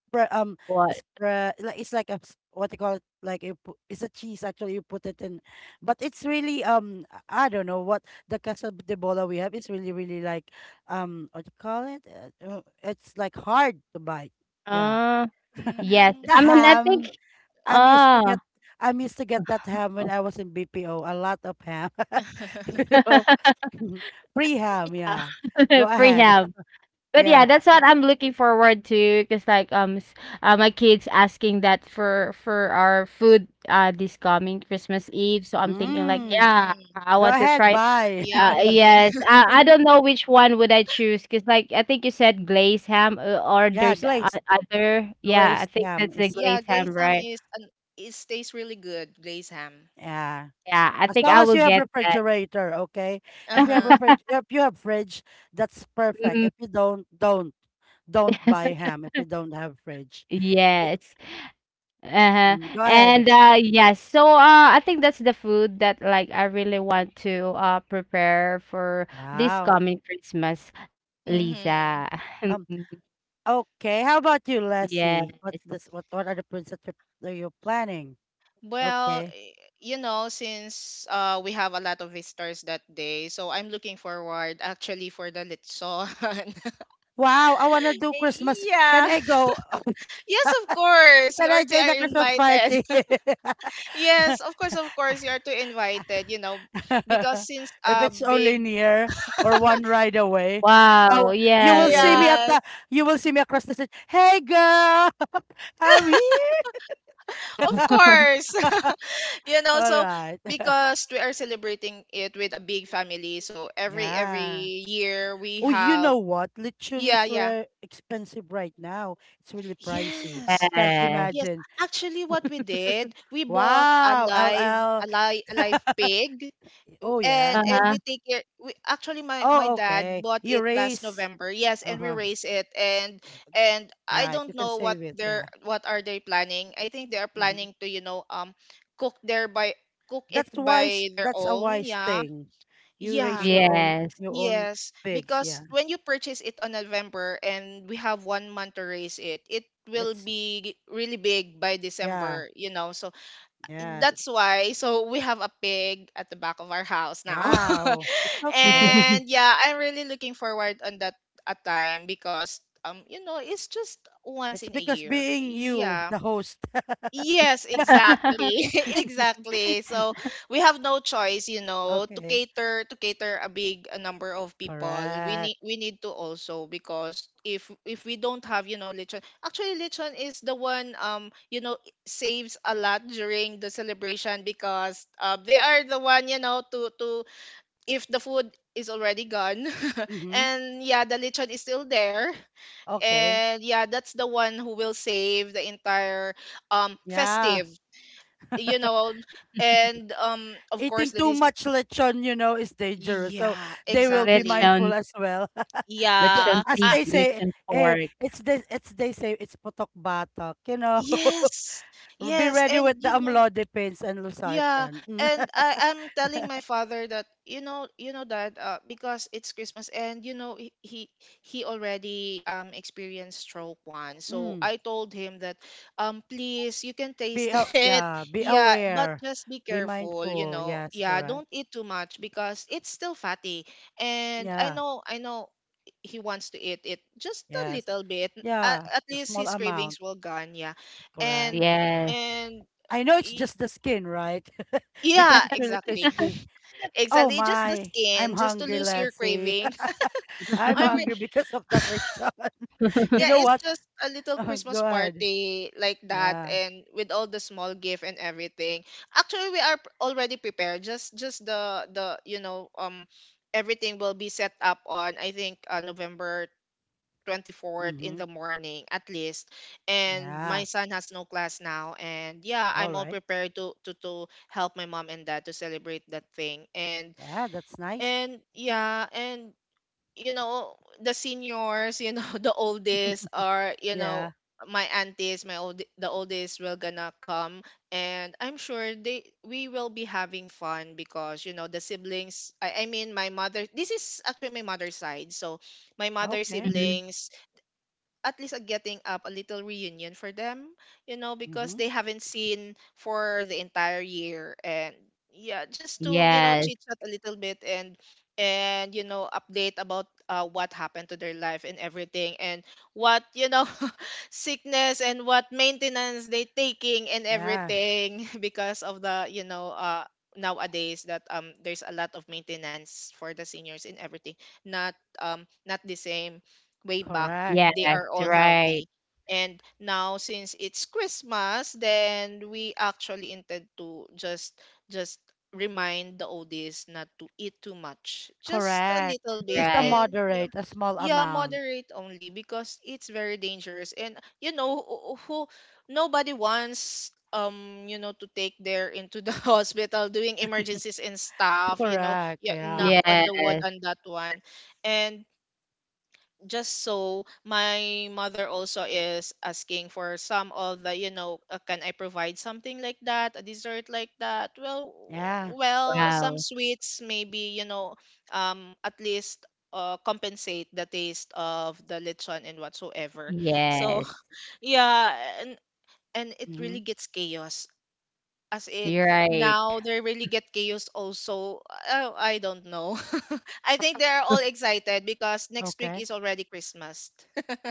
spread What? spread, like it's like a what you call it, like you put, it's a cheese actually you put it in, but it's really I don't know what, the queso de bola we have is really really like what you call it, it's like hard to bite, yeah. Uh [LAUGHS] yes. The I mean I Mm. think ham, I'm used to uh get, I'm used to get that ham when I was in BPO. A lot of ham, [LAUGHS] you [LAUGHS] know, [LAUGHS] [LAUGHS] free ham. Uh, Yeah, go [LAUGHS] ahead. Prehab. [LAUGHS] But Yeah, yeah, that's what I'm looking forward to because like my kids asking that for our food this coming Christmas Eve. So I'm thinking like, mm. yeah, Hmm. I Go want to ahead. try Bye. [LAUGHS] Yummy. yes. I don't know which one would I choose because like I think you said glazed ham or Yeah, there's o- other. Yeah, I glazed think ham that's the [LAUGHS] is Yeah, glazed ham, glazed ham right? is an it tastes really good, glazed ham. yeah. Yeah, I As think long I as will you have get that. refrigerator, okay. If you have [LAUGHS] Uh-huh. refrig, if you have fridge, that's perfect. Mhm. If you don't, don't buy ham if you don't have fridge. Be- Yes. Uh-huh. mm, Go ahead. And yes, so I think that's the food that like I really want to prepare for this Wow. coming Christmas, Lisa. Mm-hmm. Um. [LAUGHS] Okay. How about you, Yes. Leslie? What this what are the plans that that you're planning? Well, Okay. You know, since we have a lot of visitors that day, so I'm looking forward actually for the litson. [LAUGHS] Wow, I wanna do Eh, Christmas. Can Yeah. I go? [LAUGHS] Yes, of [LAUGHS] course. You Can are I to join are the Christmas invited. party? [LAUGHS] Yes, of course, of [LAUGHS] course. You are to invited, because since If a it's only big. near or one ride away, Wow, oh, you will see yes. me at Yes, the you will see me across the street. Hey girl, [LAUGHS] I'm here. of [LAUGHS] [LAUGHS] course. [LAUGHS] All So right. [LAUGHS] because we are celebrating it with a big family, so every Yeah. every year we Oh, you have. know what? Lechon Yeah, is yeah. Expensive right now. It's really pricey. Yes. Can't Yes. Yes. imagine. Actually what we did, we bought a Wow, live LL. a live pig. Oh and yeah. and Uh-huh. we take care, we actually my Oh dad okay. bought You it last raise. November. Yes, Uh and we huh. raise it. And I Right. You don't can know save it. Yeah. what are they planning. I think they are hmm planning to, cook their by cook it That's wise. by their That's a own. wise Yeah, thing. You yeah. raise Yeah. Your own Yes, pigs. because Yeah. when you purchase it on November, and we have 1 month to raise it, it will It's be really big by yeah. December, so. Yeah. That's why. So we have a pig at the back of our house now. Wow. It's [LAUGHS] okay. And [LAUGHS] yeah, I'm really looking forward on that a time, because it's just once It's in a because year. being you, Yeah. the host. Yes, [LAUGHS] exactly. [LAUGHS] [LAUGHS] Exactly. So we have no choice, to okay. cater to cater a big, number of people. We Correct. need we need to also, because if we don't have, lechon. Actually, lechon is the one, saves a lot during the celebration because, they are the one, to if the food is already gone. [LAUGHS] Mm-hmm. And yeah, the lechon is still there. Okay. And yeah, that's the one who will save the entire, Yeah. festive, you [LAUGHS] know and, of course, Eating that too is. much lechon, you know, is dangerous. So Yeah, they will be exactly. Lechon, mindful as well. [LAUGHS] The- lechon Yeah. as pig, they say, lechon hey, pork. It's they say it's potok batok, you know. Yes, [LAUGHS] Be yes. ready with And the amlodipines and yeah, losartan. Mm. and [LAUGHS] I'm telling my father that, that, because it's Christmas. And he already experienced stroke once. So Mm. I told him that, please, you can taste Be [LAUGHS] it. yeah, be Yeah, but aware. just be Be careful, you mindful. know. Yes, Yeah, correct. don't eat too much because it's still fatty. And I Yeah. know I know he wants to eat it just a Yes. little bit. Yeah. At A least small his amount, cravings will gone, yeah. correct. And Yes. and I know it's y- just the skin, right? [LAUGHS] Because yeah, it's really exactly. crispy. Oh Exactly. Just the my, I'm skin, just to hungry, lose your Lassie. craving. [LAUGHS] [LAUGHS] I'm I'm re- hungry because of that lechon. [LAUGHS] You yeah, know it's what? just a little Christmas Go ahead. party like that Yeah. and with all the small gift and everything. Actually, we are already prepared. Just everything will be set up on I think November 24th in Mm-hmm. the morning at least. And my Yeah. son has no class now and yeah, All I'm all right. prepared to to help my mom and dad to celebrate that thing. and Yeah, that's nice. And yeah, and you know, the seniors, you know, [LAUGHS] the oldest [LAUGHS] are, you Yeah. know, my aunties, my old the oldest will gonna come. And I'm sure they we will be having fun because you know the siblings, I mean my mother, this is actually my mother's side, so my mother's Okay. Hmm. siblings, at least a getting up, a little reunion for them, you know, because Mm-hmm. they haven't seen for the entire year. And yeah, just to, you know, Yes. chit chat a little bit. And you know, update about what happened to their life and everything and what, you know, [LAUGHS] sickness and what maintenance they taking and Yeah. everything [LAUGHS] because of the, you know, nowadays that there's a lot of maintenance for the seniors and everything. Not not the same way back, Correct. Yes. they are all Right. healthy. And now since it's Christmas, then we actually intend to just remind the oldies not to eat too much. Just a Correct. little bit Just a Right. and yeah, moderate, a small yeah, amount. moderate only because it's very dangerous. And you know who nobody wants you know to take their into the [LAUGHS] hospital doing emergencies and stuff, you know, Correct. yeah, knock Yeah. on Yes. the wood on that one. And just so my mother also is asking for some of the you know, can I provide something like that, a dessert like that, well Yeah. Well some Wow. sweets maybe, you know, at least compensate the taste of the lechon and whatsoever. So Yes. [LAUGHS] yeah, and and it Mm-hmm. really gets chaos, as in You're right. now they really get chaos also. Oh, I don't know, [LAUGHS] I think they're all excited because next week is Okay. already Christmas.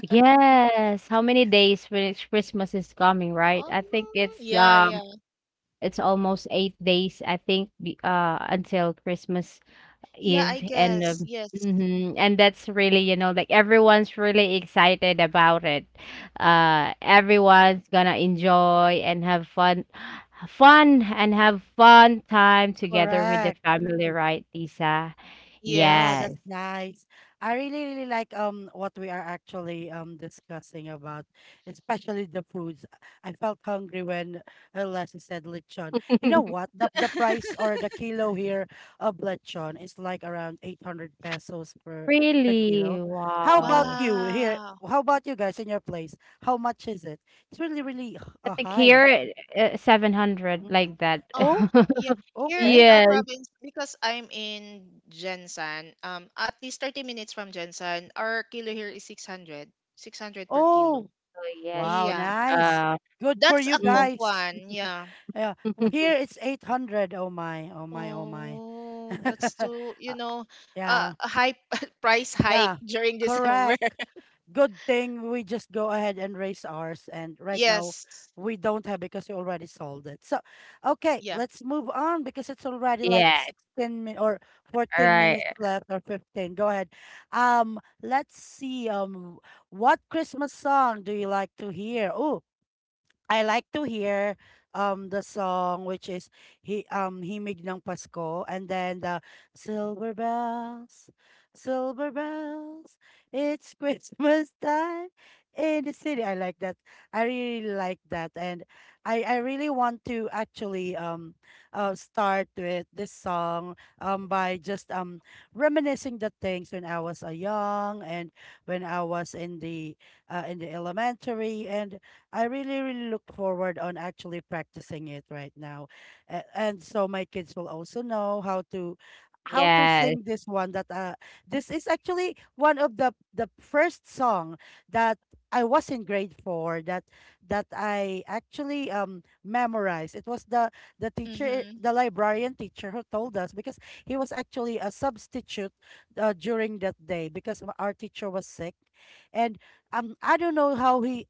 Yes. How many days when it's Christmas is coming, right? I think Oh, yeah, yeah. it's almost 8 days, I think, until Christmas Yeah, Eve I and guess. Yes. mhm, and that's really, you know, like everyone's really excited about it. Uh, everyone's gonna enjoy and have fun and have fun time together with the Correct. family, right, Lisa? Yeah, Yes. Yes. that's nice. I really, really like what we are actually discussing about, especially the foods. I felt hungry when Leslie said lechon. You know [LAUGHS] what? The price [LAUGHS] or the kilo here of lechon is like around 800 pesos per per Really? kilo. How about Wow. you here? Wow. How about you guys in your place? How much is it? It's really, really I think high. here, 700 Mm. like that. Oh, Oh, yeah. [LAUGHS] Here okay. in our Yes. province, because I'm in Jensan, at least 30 minutes from Jensan, our kilo here is 600. 600 per kilo. Oh, Oh, yes. wow, Yeah. nice. Uh, Good for That's you a cook mm. guys. one. Yeah. Yeah. Well, here [LAUGHS] it's 800. Oh my. Oh my. Oh my. Oh, that's [LAUGHS] too, you Uh, know, yeah. a high [LAUGHS] price hike Yeah. during December. Correct. [LAUGHS] Good thing we just go ahead and raise ours. And right now Yes. we don't have because we already sold it. So, okay, Yeah. let's move on because it's already like Yeah. 16 min or All 14 right. minutes left or 15. Go ahead. Let's see. What Christmas song do you like to hear? Oh, I like to hear the song which is he Himig ng Pasko, and then the silver bells, silver bells it's Christmas time in the city. I like that. I really like that, and I really want to actually start with this song by just reminiscing the things when I was a young, and when I was in the elementary, and I really, really look forward on actually practicing it right now. And so my kids will also know how to Yes. sing this one, that this is actually one of the first song that I was in grade 4, that that I actually memorized. It was the Mm-hmm. the librarian teacher who told us, because he was actually a substitute during that day because our teacher was sick, and I don't know how he,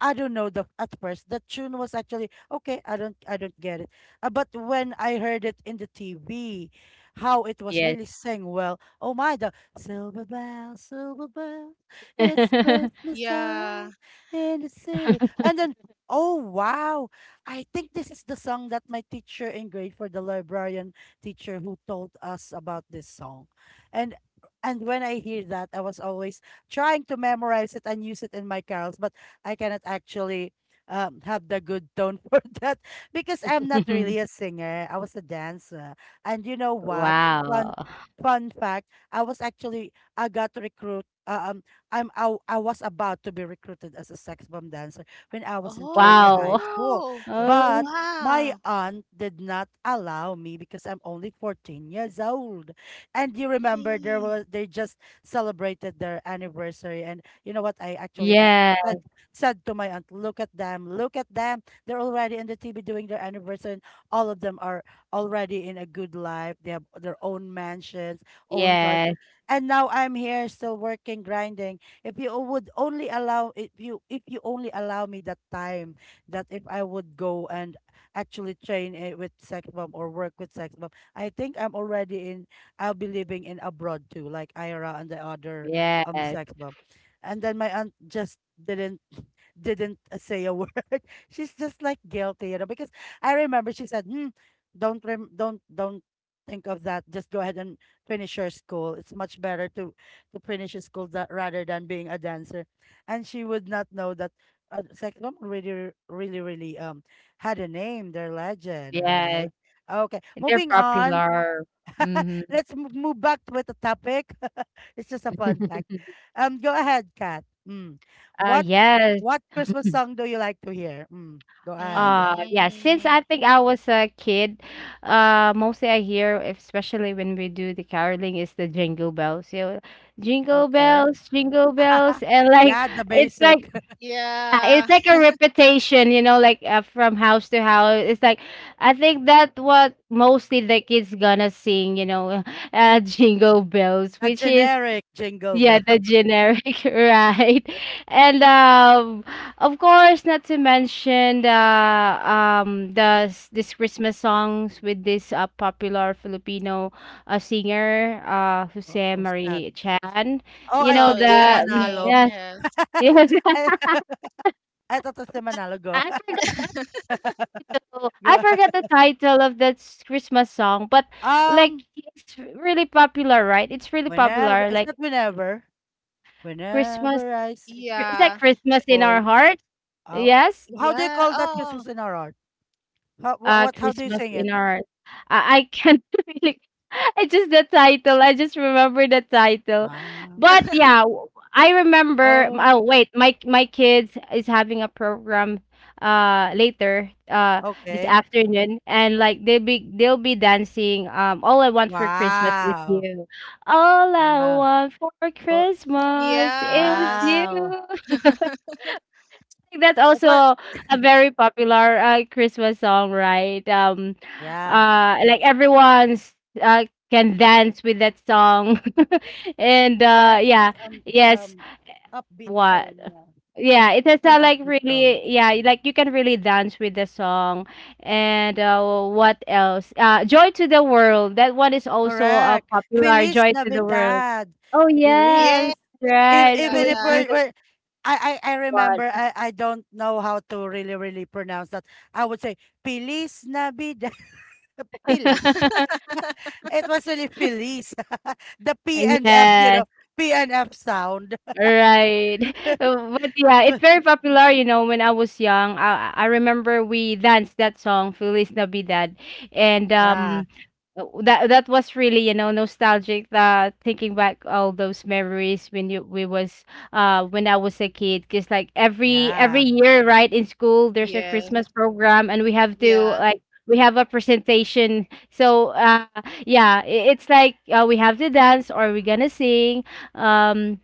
I don't know, the at first the tune was actually okay. I don't get it, but when I heard it in the TV, how it was Yes. really sang well. Oh my, the silver bell, it's Christmas [LAUGHS] time Yeah. in the city, and then oh wow, I think this is the song that my teacher in grade for the librarian teacher who told us about this song, and and when I hear that, I was always trying to memorize it and use it in my carols, but I cannot actually have the good tone [LAUGHS] for that, because I'm not really a singer. I was a dancer. And you know what? Wow. Fun fun fact, I was actually I got recruit I was about to be recruited as a sex bomb dancer when I was in Churchill High Wow. School. Oh, But Oh, my wow. aunt did not allow me because I'm only 14 years old. And you remember there Yeah. was they just celebrated their anniversary, and you know what, I actually yeah. said said to my aunt, "Look at them, look at them. They're already in the TV doing their anniversary. And all of them are already in a good life. They have their own mansions, own cars. Yes. And now I'm here still working, grinding. If you would only allow, if you only allow me that time, that if I would go and actually train with sex bomb or work with sex bomb, I think I'm already in I'll be living in abroad too, like Ira and the other Yes. sex bomb." And then my aunt just didn't didn't [LAUGHS] say a word. [LAUGHS] She's just like guilty, you know, because I remember she said, hmm, don't rem- don't think of that. Just go ahead and finish your school. It's much better to finish your school that, rather than being a dancer. And she would not know that Cyclone really really had a name, their legend, Yes. right? Okay, They're moving on. popular. [LAUGHS] Mm-hmm. Let's move back with the topic. [LAUGHS] It's just a fun [LAUGHS] fact. Go ahead, Kat. Mm. What yes. what Christmas song do you like to hear? Mm. Go ahead. Yeah, since Mm-hmm. I think I was a kid, mostly I hear, especially when we do the caroling, is the jingle bells. You know, Okay. Jingle [LAUGHS] bells, and like Yeah, the it's like basic, [LAUGHS] yeah, Yeah. it's like a repetition, you know, like from house to house. It's like I think that what mostly the kids gonna sing, you know, [LAUGHS] jingle bells, the which is generic jingle bell. yeah, the generic, [LAUGHS] right? And of course, not to mention the this Christmas songs with this popular Filipino singer, [LAUGHS] Jose What's that? Marie Chan. Oh, You I know Oh, thought it the was yes, mm, yes, Manalo. yes, yes. [LAUGHS] [LAUGHS] yes. I, [LAUGHS] I thought it was Manalo. Go, I forgot the oh, [LAUGHS] go I ahead. forgot the title of that s- Christmas song, but like Um, it's really popular, right? It's really popular. whenever Like it's not whenever. Christmas, Whenever I see, is that Yeah. Christmas in our boy, heart? oh, Yes. how do you Yeah. call that Christmas Oh. in RR? How Uh, what How do you Christmas sing it? in our, I can't [LAUGHS] really it's just the title. I just remember the title. Ah. But yeah, [LAUGHS] w- I remember. Oh, Oh wait, my kids is having a program later this okay. afternoon and like they'll be dancing all I want for Christmas is Wow. you. All I Wow. want for For Christmas is Yes. you wow. think. That's That's also what. a [LAUGHS] very popular Christmas song, right? Yeah. Like everyone's can dance with that song, [LAUGHS] and Correct. yeah, That's yes, um upbeat what? tone, yeah. Yeah, it has It's an like upbeat tone. really, yeah, like you can really dance with the song, and what else? Joy to the World. That one is also Correct. popular. Feliz Joy to the World. Navidad. Oh Feliz. yes, Yes. If, right. Yeah, even Feliz if yeah. we're, Navidad. we're I What? remember I don't know how to really pronounce that. I would say Feliz Navidad. [LAUGHS] Phillies. [LAUGHS] [LAUGHS] It was really Phillies. [LAUGHS] The P and F, you Yes. know, P and F sound. Right. [LAUGHS] But [LAUGHS] It yeah, was, it's very popular, you know, when I was young. I remember we danced that song, Feliz Navidad. And yeah, that that was really, you know, nostalgic, thinking back all those memories when you we was when I was a kid. Because like every yeah. year, right, in school there's a Yes. Christmas program and we have to Yeah. like we have a presentation. So yeah, I- it's like we have to dance or we're gonna sing. Um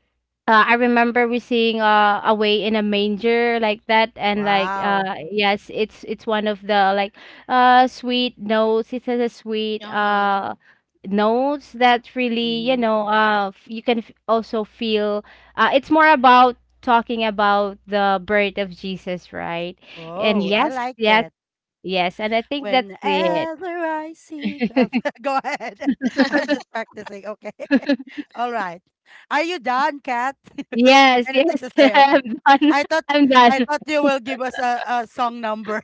I remember we seeing away in a manger like that, and like Wow. Yes, it's one of the like sweet notes. It has a sweet Uh-huh. Notes that really you Mm-hmm. know you can also feel. It's more about talking about the birth of Jesus, right? And Oh, Yeah. I yes, like yes, it. yes, and I think that's it. Whenever I see, go [LAUGHS] go ahead. [LAUGHS] I'm just practicing. Okay. [LAUGHS] All right. Are you done, Kat? [LAUGHS] Yes, Anything yes, to [LAUGHS] say? I'm Okay. done. I thought I'm done. I thought you will give us a song number.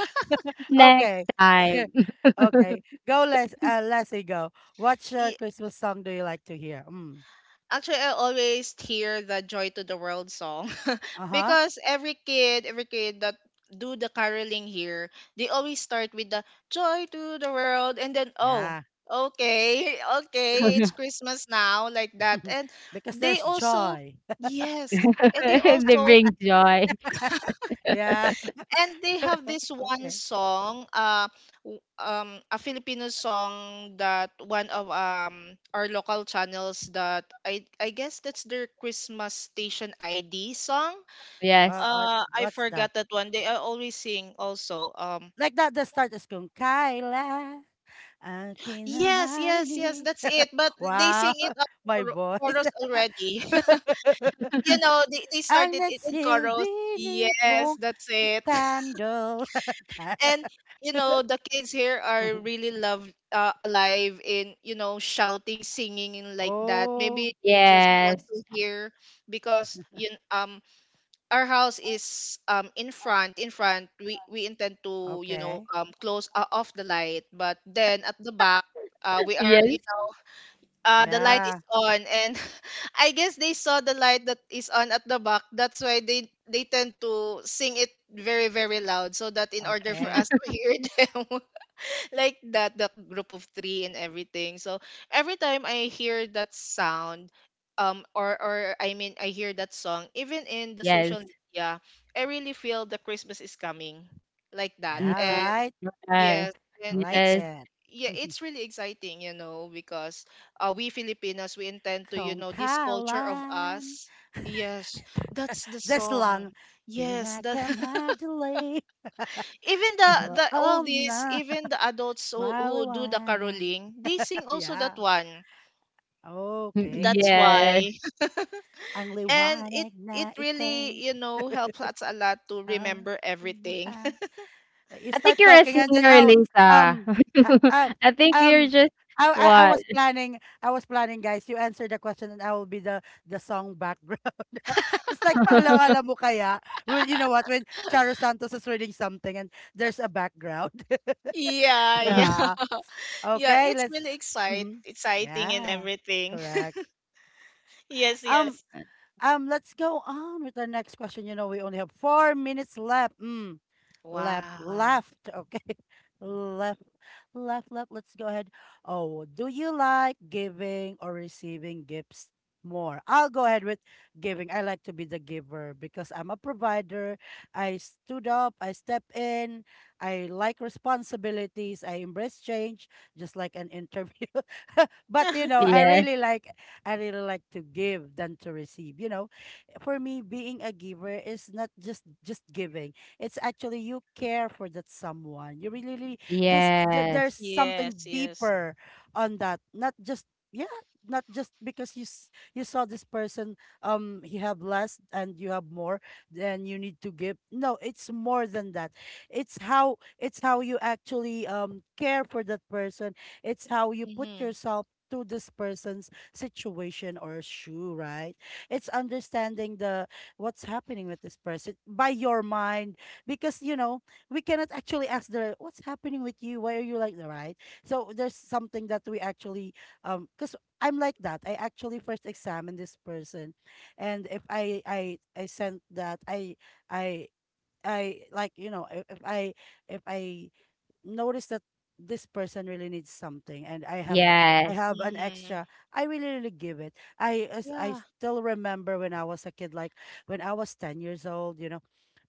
[LAUGHS] Next Okay. [LAUGHS] time. Okay. Go, Les. Leslie, go. What's your Christmas song do you like to hear? Mm. Actually, I always hear the Joy to the World song [LAUGHS] Uh huh. because every kid that do the caroling here, they always start with the Joy to the World and then oh, Yeah. okay, [LAUGHS] okay, it's [LAUGHS] Christmas now like that. [LAUGHS] And Because they there's also, joy. yes, and they They also, bring joy. [LAUGHS] Yeah. and they have this one Okay. song, a Filipino song that one of our local channels that I guess that's their Christmas station ID song. Uh, Yes. what's, I what's that? forgot that one, they are always sing also Like that, the start is going, Kyla, akin na yes yes yes marinig. that's it, but they Wow. sing it on [LAUGHS] My voice. chorus already. [LAUGHS] [LAUGHS] You know they Ang started it in chorus, nagsilbi yes nitong that's it. [LAUGHS] candle. And you know [LAUGHS] the kids here are [LAUGHS] really love alive in you know shouting, singing and like that, Oh, maybe they just want Yes. to hear because our house is in front, in front we intend to you know okay. Close off the light, but then at the back we are you Yes. know, the light is Yeah, on and [LAUGHS] I guess they saw the light that is on at the back, that's why they tend to sing it very very loud so that in order for okay. us to hear [LAUGHS] them like that, that group of three and everything. So every time I hear that sound, or I mean I hear that song even in the Yes. social media, I really feel the Christmas is coming like that. Mhm. All And right. Uh, yes, I and like it's, yes. it. yeah, it's [LAUGHS] really exciting you know because we Filipinos we intend to you know this culture of Kongkalan. us, yes that's the This song, long. yes that. [LAUGHS] Pinakamadali. Even Sa the loob oldies, na even the adults who do the maliwanag. caroling, they sing [LAUGHS] also that Yeah. one. Okay. That's Yes. why. [LAUGHS] Ang And it liwanag na it ite. really, you know, helps us a lot to Ah. remember everything. You I start think you're a talking and then singer, oh Lisa. um ha- [LAUGHS] uh, I think you're um just I what? was planning, I was planning, guys, you answer the question and I will be the song background. [LAUGHS] It's like [LAUGHS] paalam-alam mo kaya, well you know what, when Charo Santos is reading something and there's a background. [LAUGHS] [LAUGHS] Yeah, yeah. Yeah. [LAUGHS] Yeah, Okay, it's let's really excite mhm. exciting and Yeah. everything. Correct. [LAUGHS] Yes, Um yes. Let's go on with our next question. You know we only have 4 minutes left. Mm left, Wow. left. Okay, [LAUGHS] left, left, left. Let's go ahead. Oh, do you like giving or receiving gifts more? I'll go ahead with giving. I like to be the giver because I'm a provider. I stood up, I step in, I like responsibilities, I embrace change, just like an interview. [LAUGHS] But you know, [LAUGHS] Yeah. I really like to give than to receive. You know, for me being a giver is not just giving, it's actually you care for that someone, you really, really, there's Yes. something Yes, yes. deeper on that, not just, yeah, not just because you saw this person, he have less and you have more, then you need to give, no, it's more than that, it's how you actually care for that person, it's how you put Mhm. yourself to this person's situation or shoe, right? It's understanding the what's happening with this person by your mind, because you know, we cannot actually ask the what's happening with you, why are you like that, right? So there's something that we actually, because I'm like that, I actually first examine this person, and if I sent that I I like, you know, if I notice that this person really needs something and I Yes. have an Mhm. extra, I really give it. I as I Yeah. still remember when I was a kid, like when I was 10 years old, you know,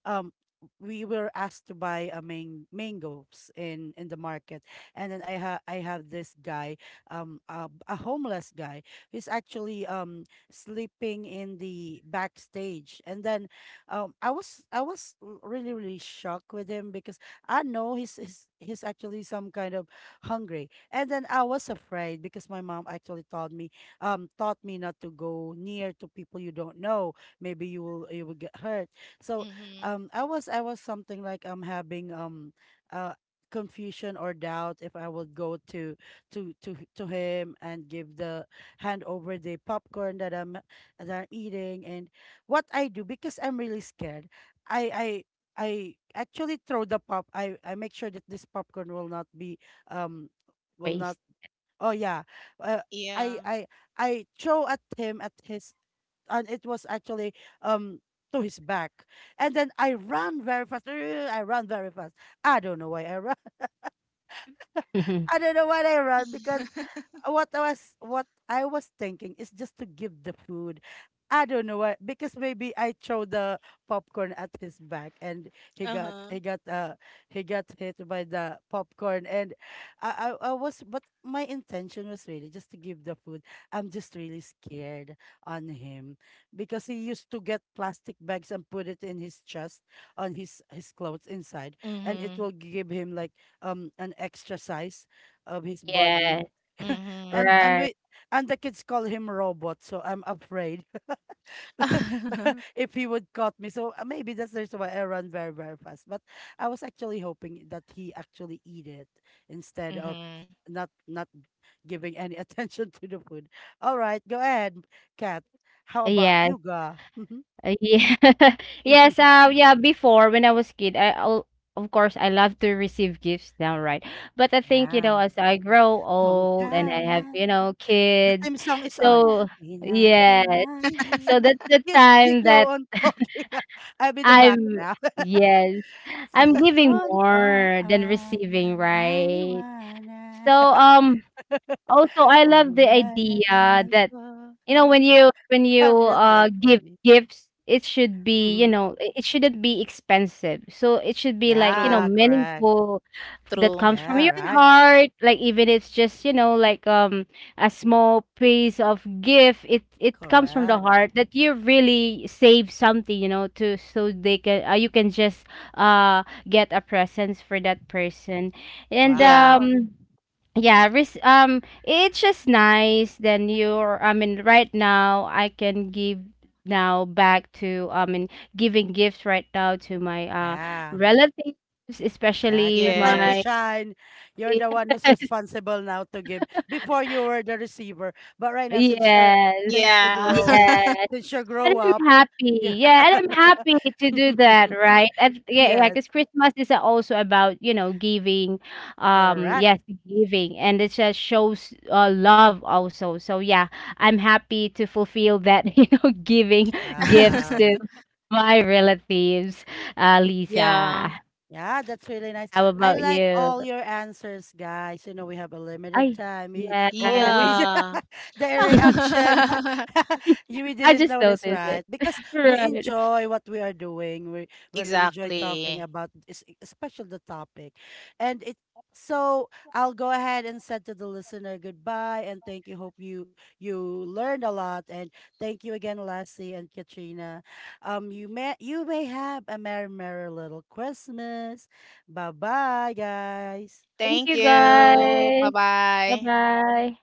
um we were asked to buy a mangoes in the market, and then I have this guy, a homeless guy who's actually sleeping in the backstage, and then I was really shocked with him because I know he's actually some kind of hungry. And then I was afraid because my mom actually told me taught me not to go near to people you don't know. Maybe you will get hurt. So Mhm. I was something like I'm having uh confusion or doubt if I would go to to him and give the hand over the popcorn that I'm eating, and what I do, because I'm really scared. I I I actually throw the pop. I make sure that this popcorn will not be, um will not. Waste. Oh yeah, uh, I Yeah. I I throw at him at his, and it was actually, um to his back, and then I ran very fast. [GRUNTS] I ran very fast. I don't know why I ran. [LAUGHS] I [LAUGHS] don't know why I ran, because [LAUGHS] what I was, what I was thinking is just to give the food. I don't know why, because maybe I throw the popcorn at his back and he got Uh-huh. he got uh he got hit by the popcorn, and I was, but my intention was really just to give the food. I'm just really scared on him because he used to get plastic bags and put it in his chest on his clothes inside, and it Mhm. will give him like an extra size of his body. Yes. [LAUGHS] Mhm. And Right. we and the kids call him robot, so I'm afraid [LAUGHS] [LAUGHS] if he would caught me, so maybe that's the reason why I run very very fast, but I was actually hoping that he actually eat it instead of Mhm. not giving any [LAUGHS] attention to the food. All right, go ahead, Kat, how about Yes. you, ga. [LAUGHS] Yeah. [LAUGHS] Yes. Yeah. Before, when I was kid, of course I love to receive gifts downright. But I think you know, Yeah, as I grow kung old and I have kala, you know the kids, theme song is on, so yes. So pinakamarinig, that's the yes, you time go that on talking. [LAUGHS] I'll be the back I'm now. yes, [LAUGHS] Sa I'm giving likod ko more than ay receiving, right? maliwanag. So. Also, I [LAUGHS] Ang love the liwanag idea na that, ito. you know, when [LAUGHS] you I'm just very give funny. gifts, it should be, you Mhm. know, it shouldn't be expensive. So it should be like, you know, Yeah, True, correct. meaningful that true. comes from Yeah, your right. heart. Like even it's just, you know, like a small piece of gift, it comes from the Correct. heart that you really save something, you know, to so they can you can just uh get a presents for that person. And Yeah. Wow. Yeah, it's just nice. Then you're, I mean, right now I can give now back to, I mean, giving gifts right now to my Yeah. relatives, Yeah, it's especially your time to Yes. my shine. [LAUGHS] You're the one who's yes, responsible now to give. Before you were the receiver, but right now since you're yes, since you Yeah. grow, yes. since you And grow up, I'm happy. yeah. Yeah, and I'm happy to do that, [LAUGHS] right? And yeah, yeah, Yes, because Christmas is also about, you know, giving, correct. yes, giving, and it just shows love also. So yeah, I'm happy to fulfill that, [LAUGHS] you know, giving gifts Wow. to [LAUGHS] my relatives. Yeah. Lisa, Yeah, that's really nice. how I about like you? all your answers, guys. You know, we have a limited I time. We, oh, we yes, [LAUGHS] Yeah. [LAUGHS] the reaction. [LAUGHS] [LAUGHS] You, we I didn't just notice, noticed it. right? Because we Right. enjoy what we are doing. We really enjoy talking Exactly. about especially the topic. And it so I'll go ahead and said to the listener goodbye and thank you. Hope you you learned a lot, and thank you again, Lassie and Katrina. You may have a merry, merry little Christmas. Bye bye, guys. Thank Thank you Bye. you. guys. Bye Bye-bye. bye.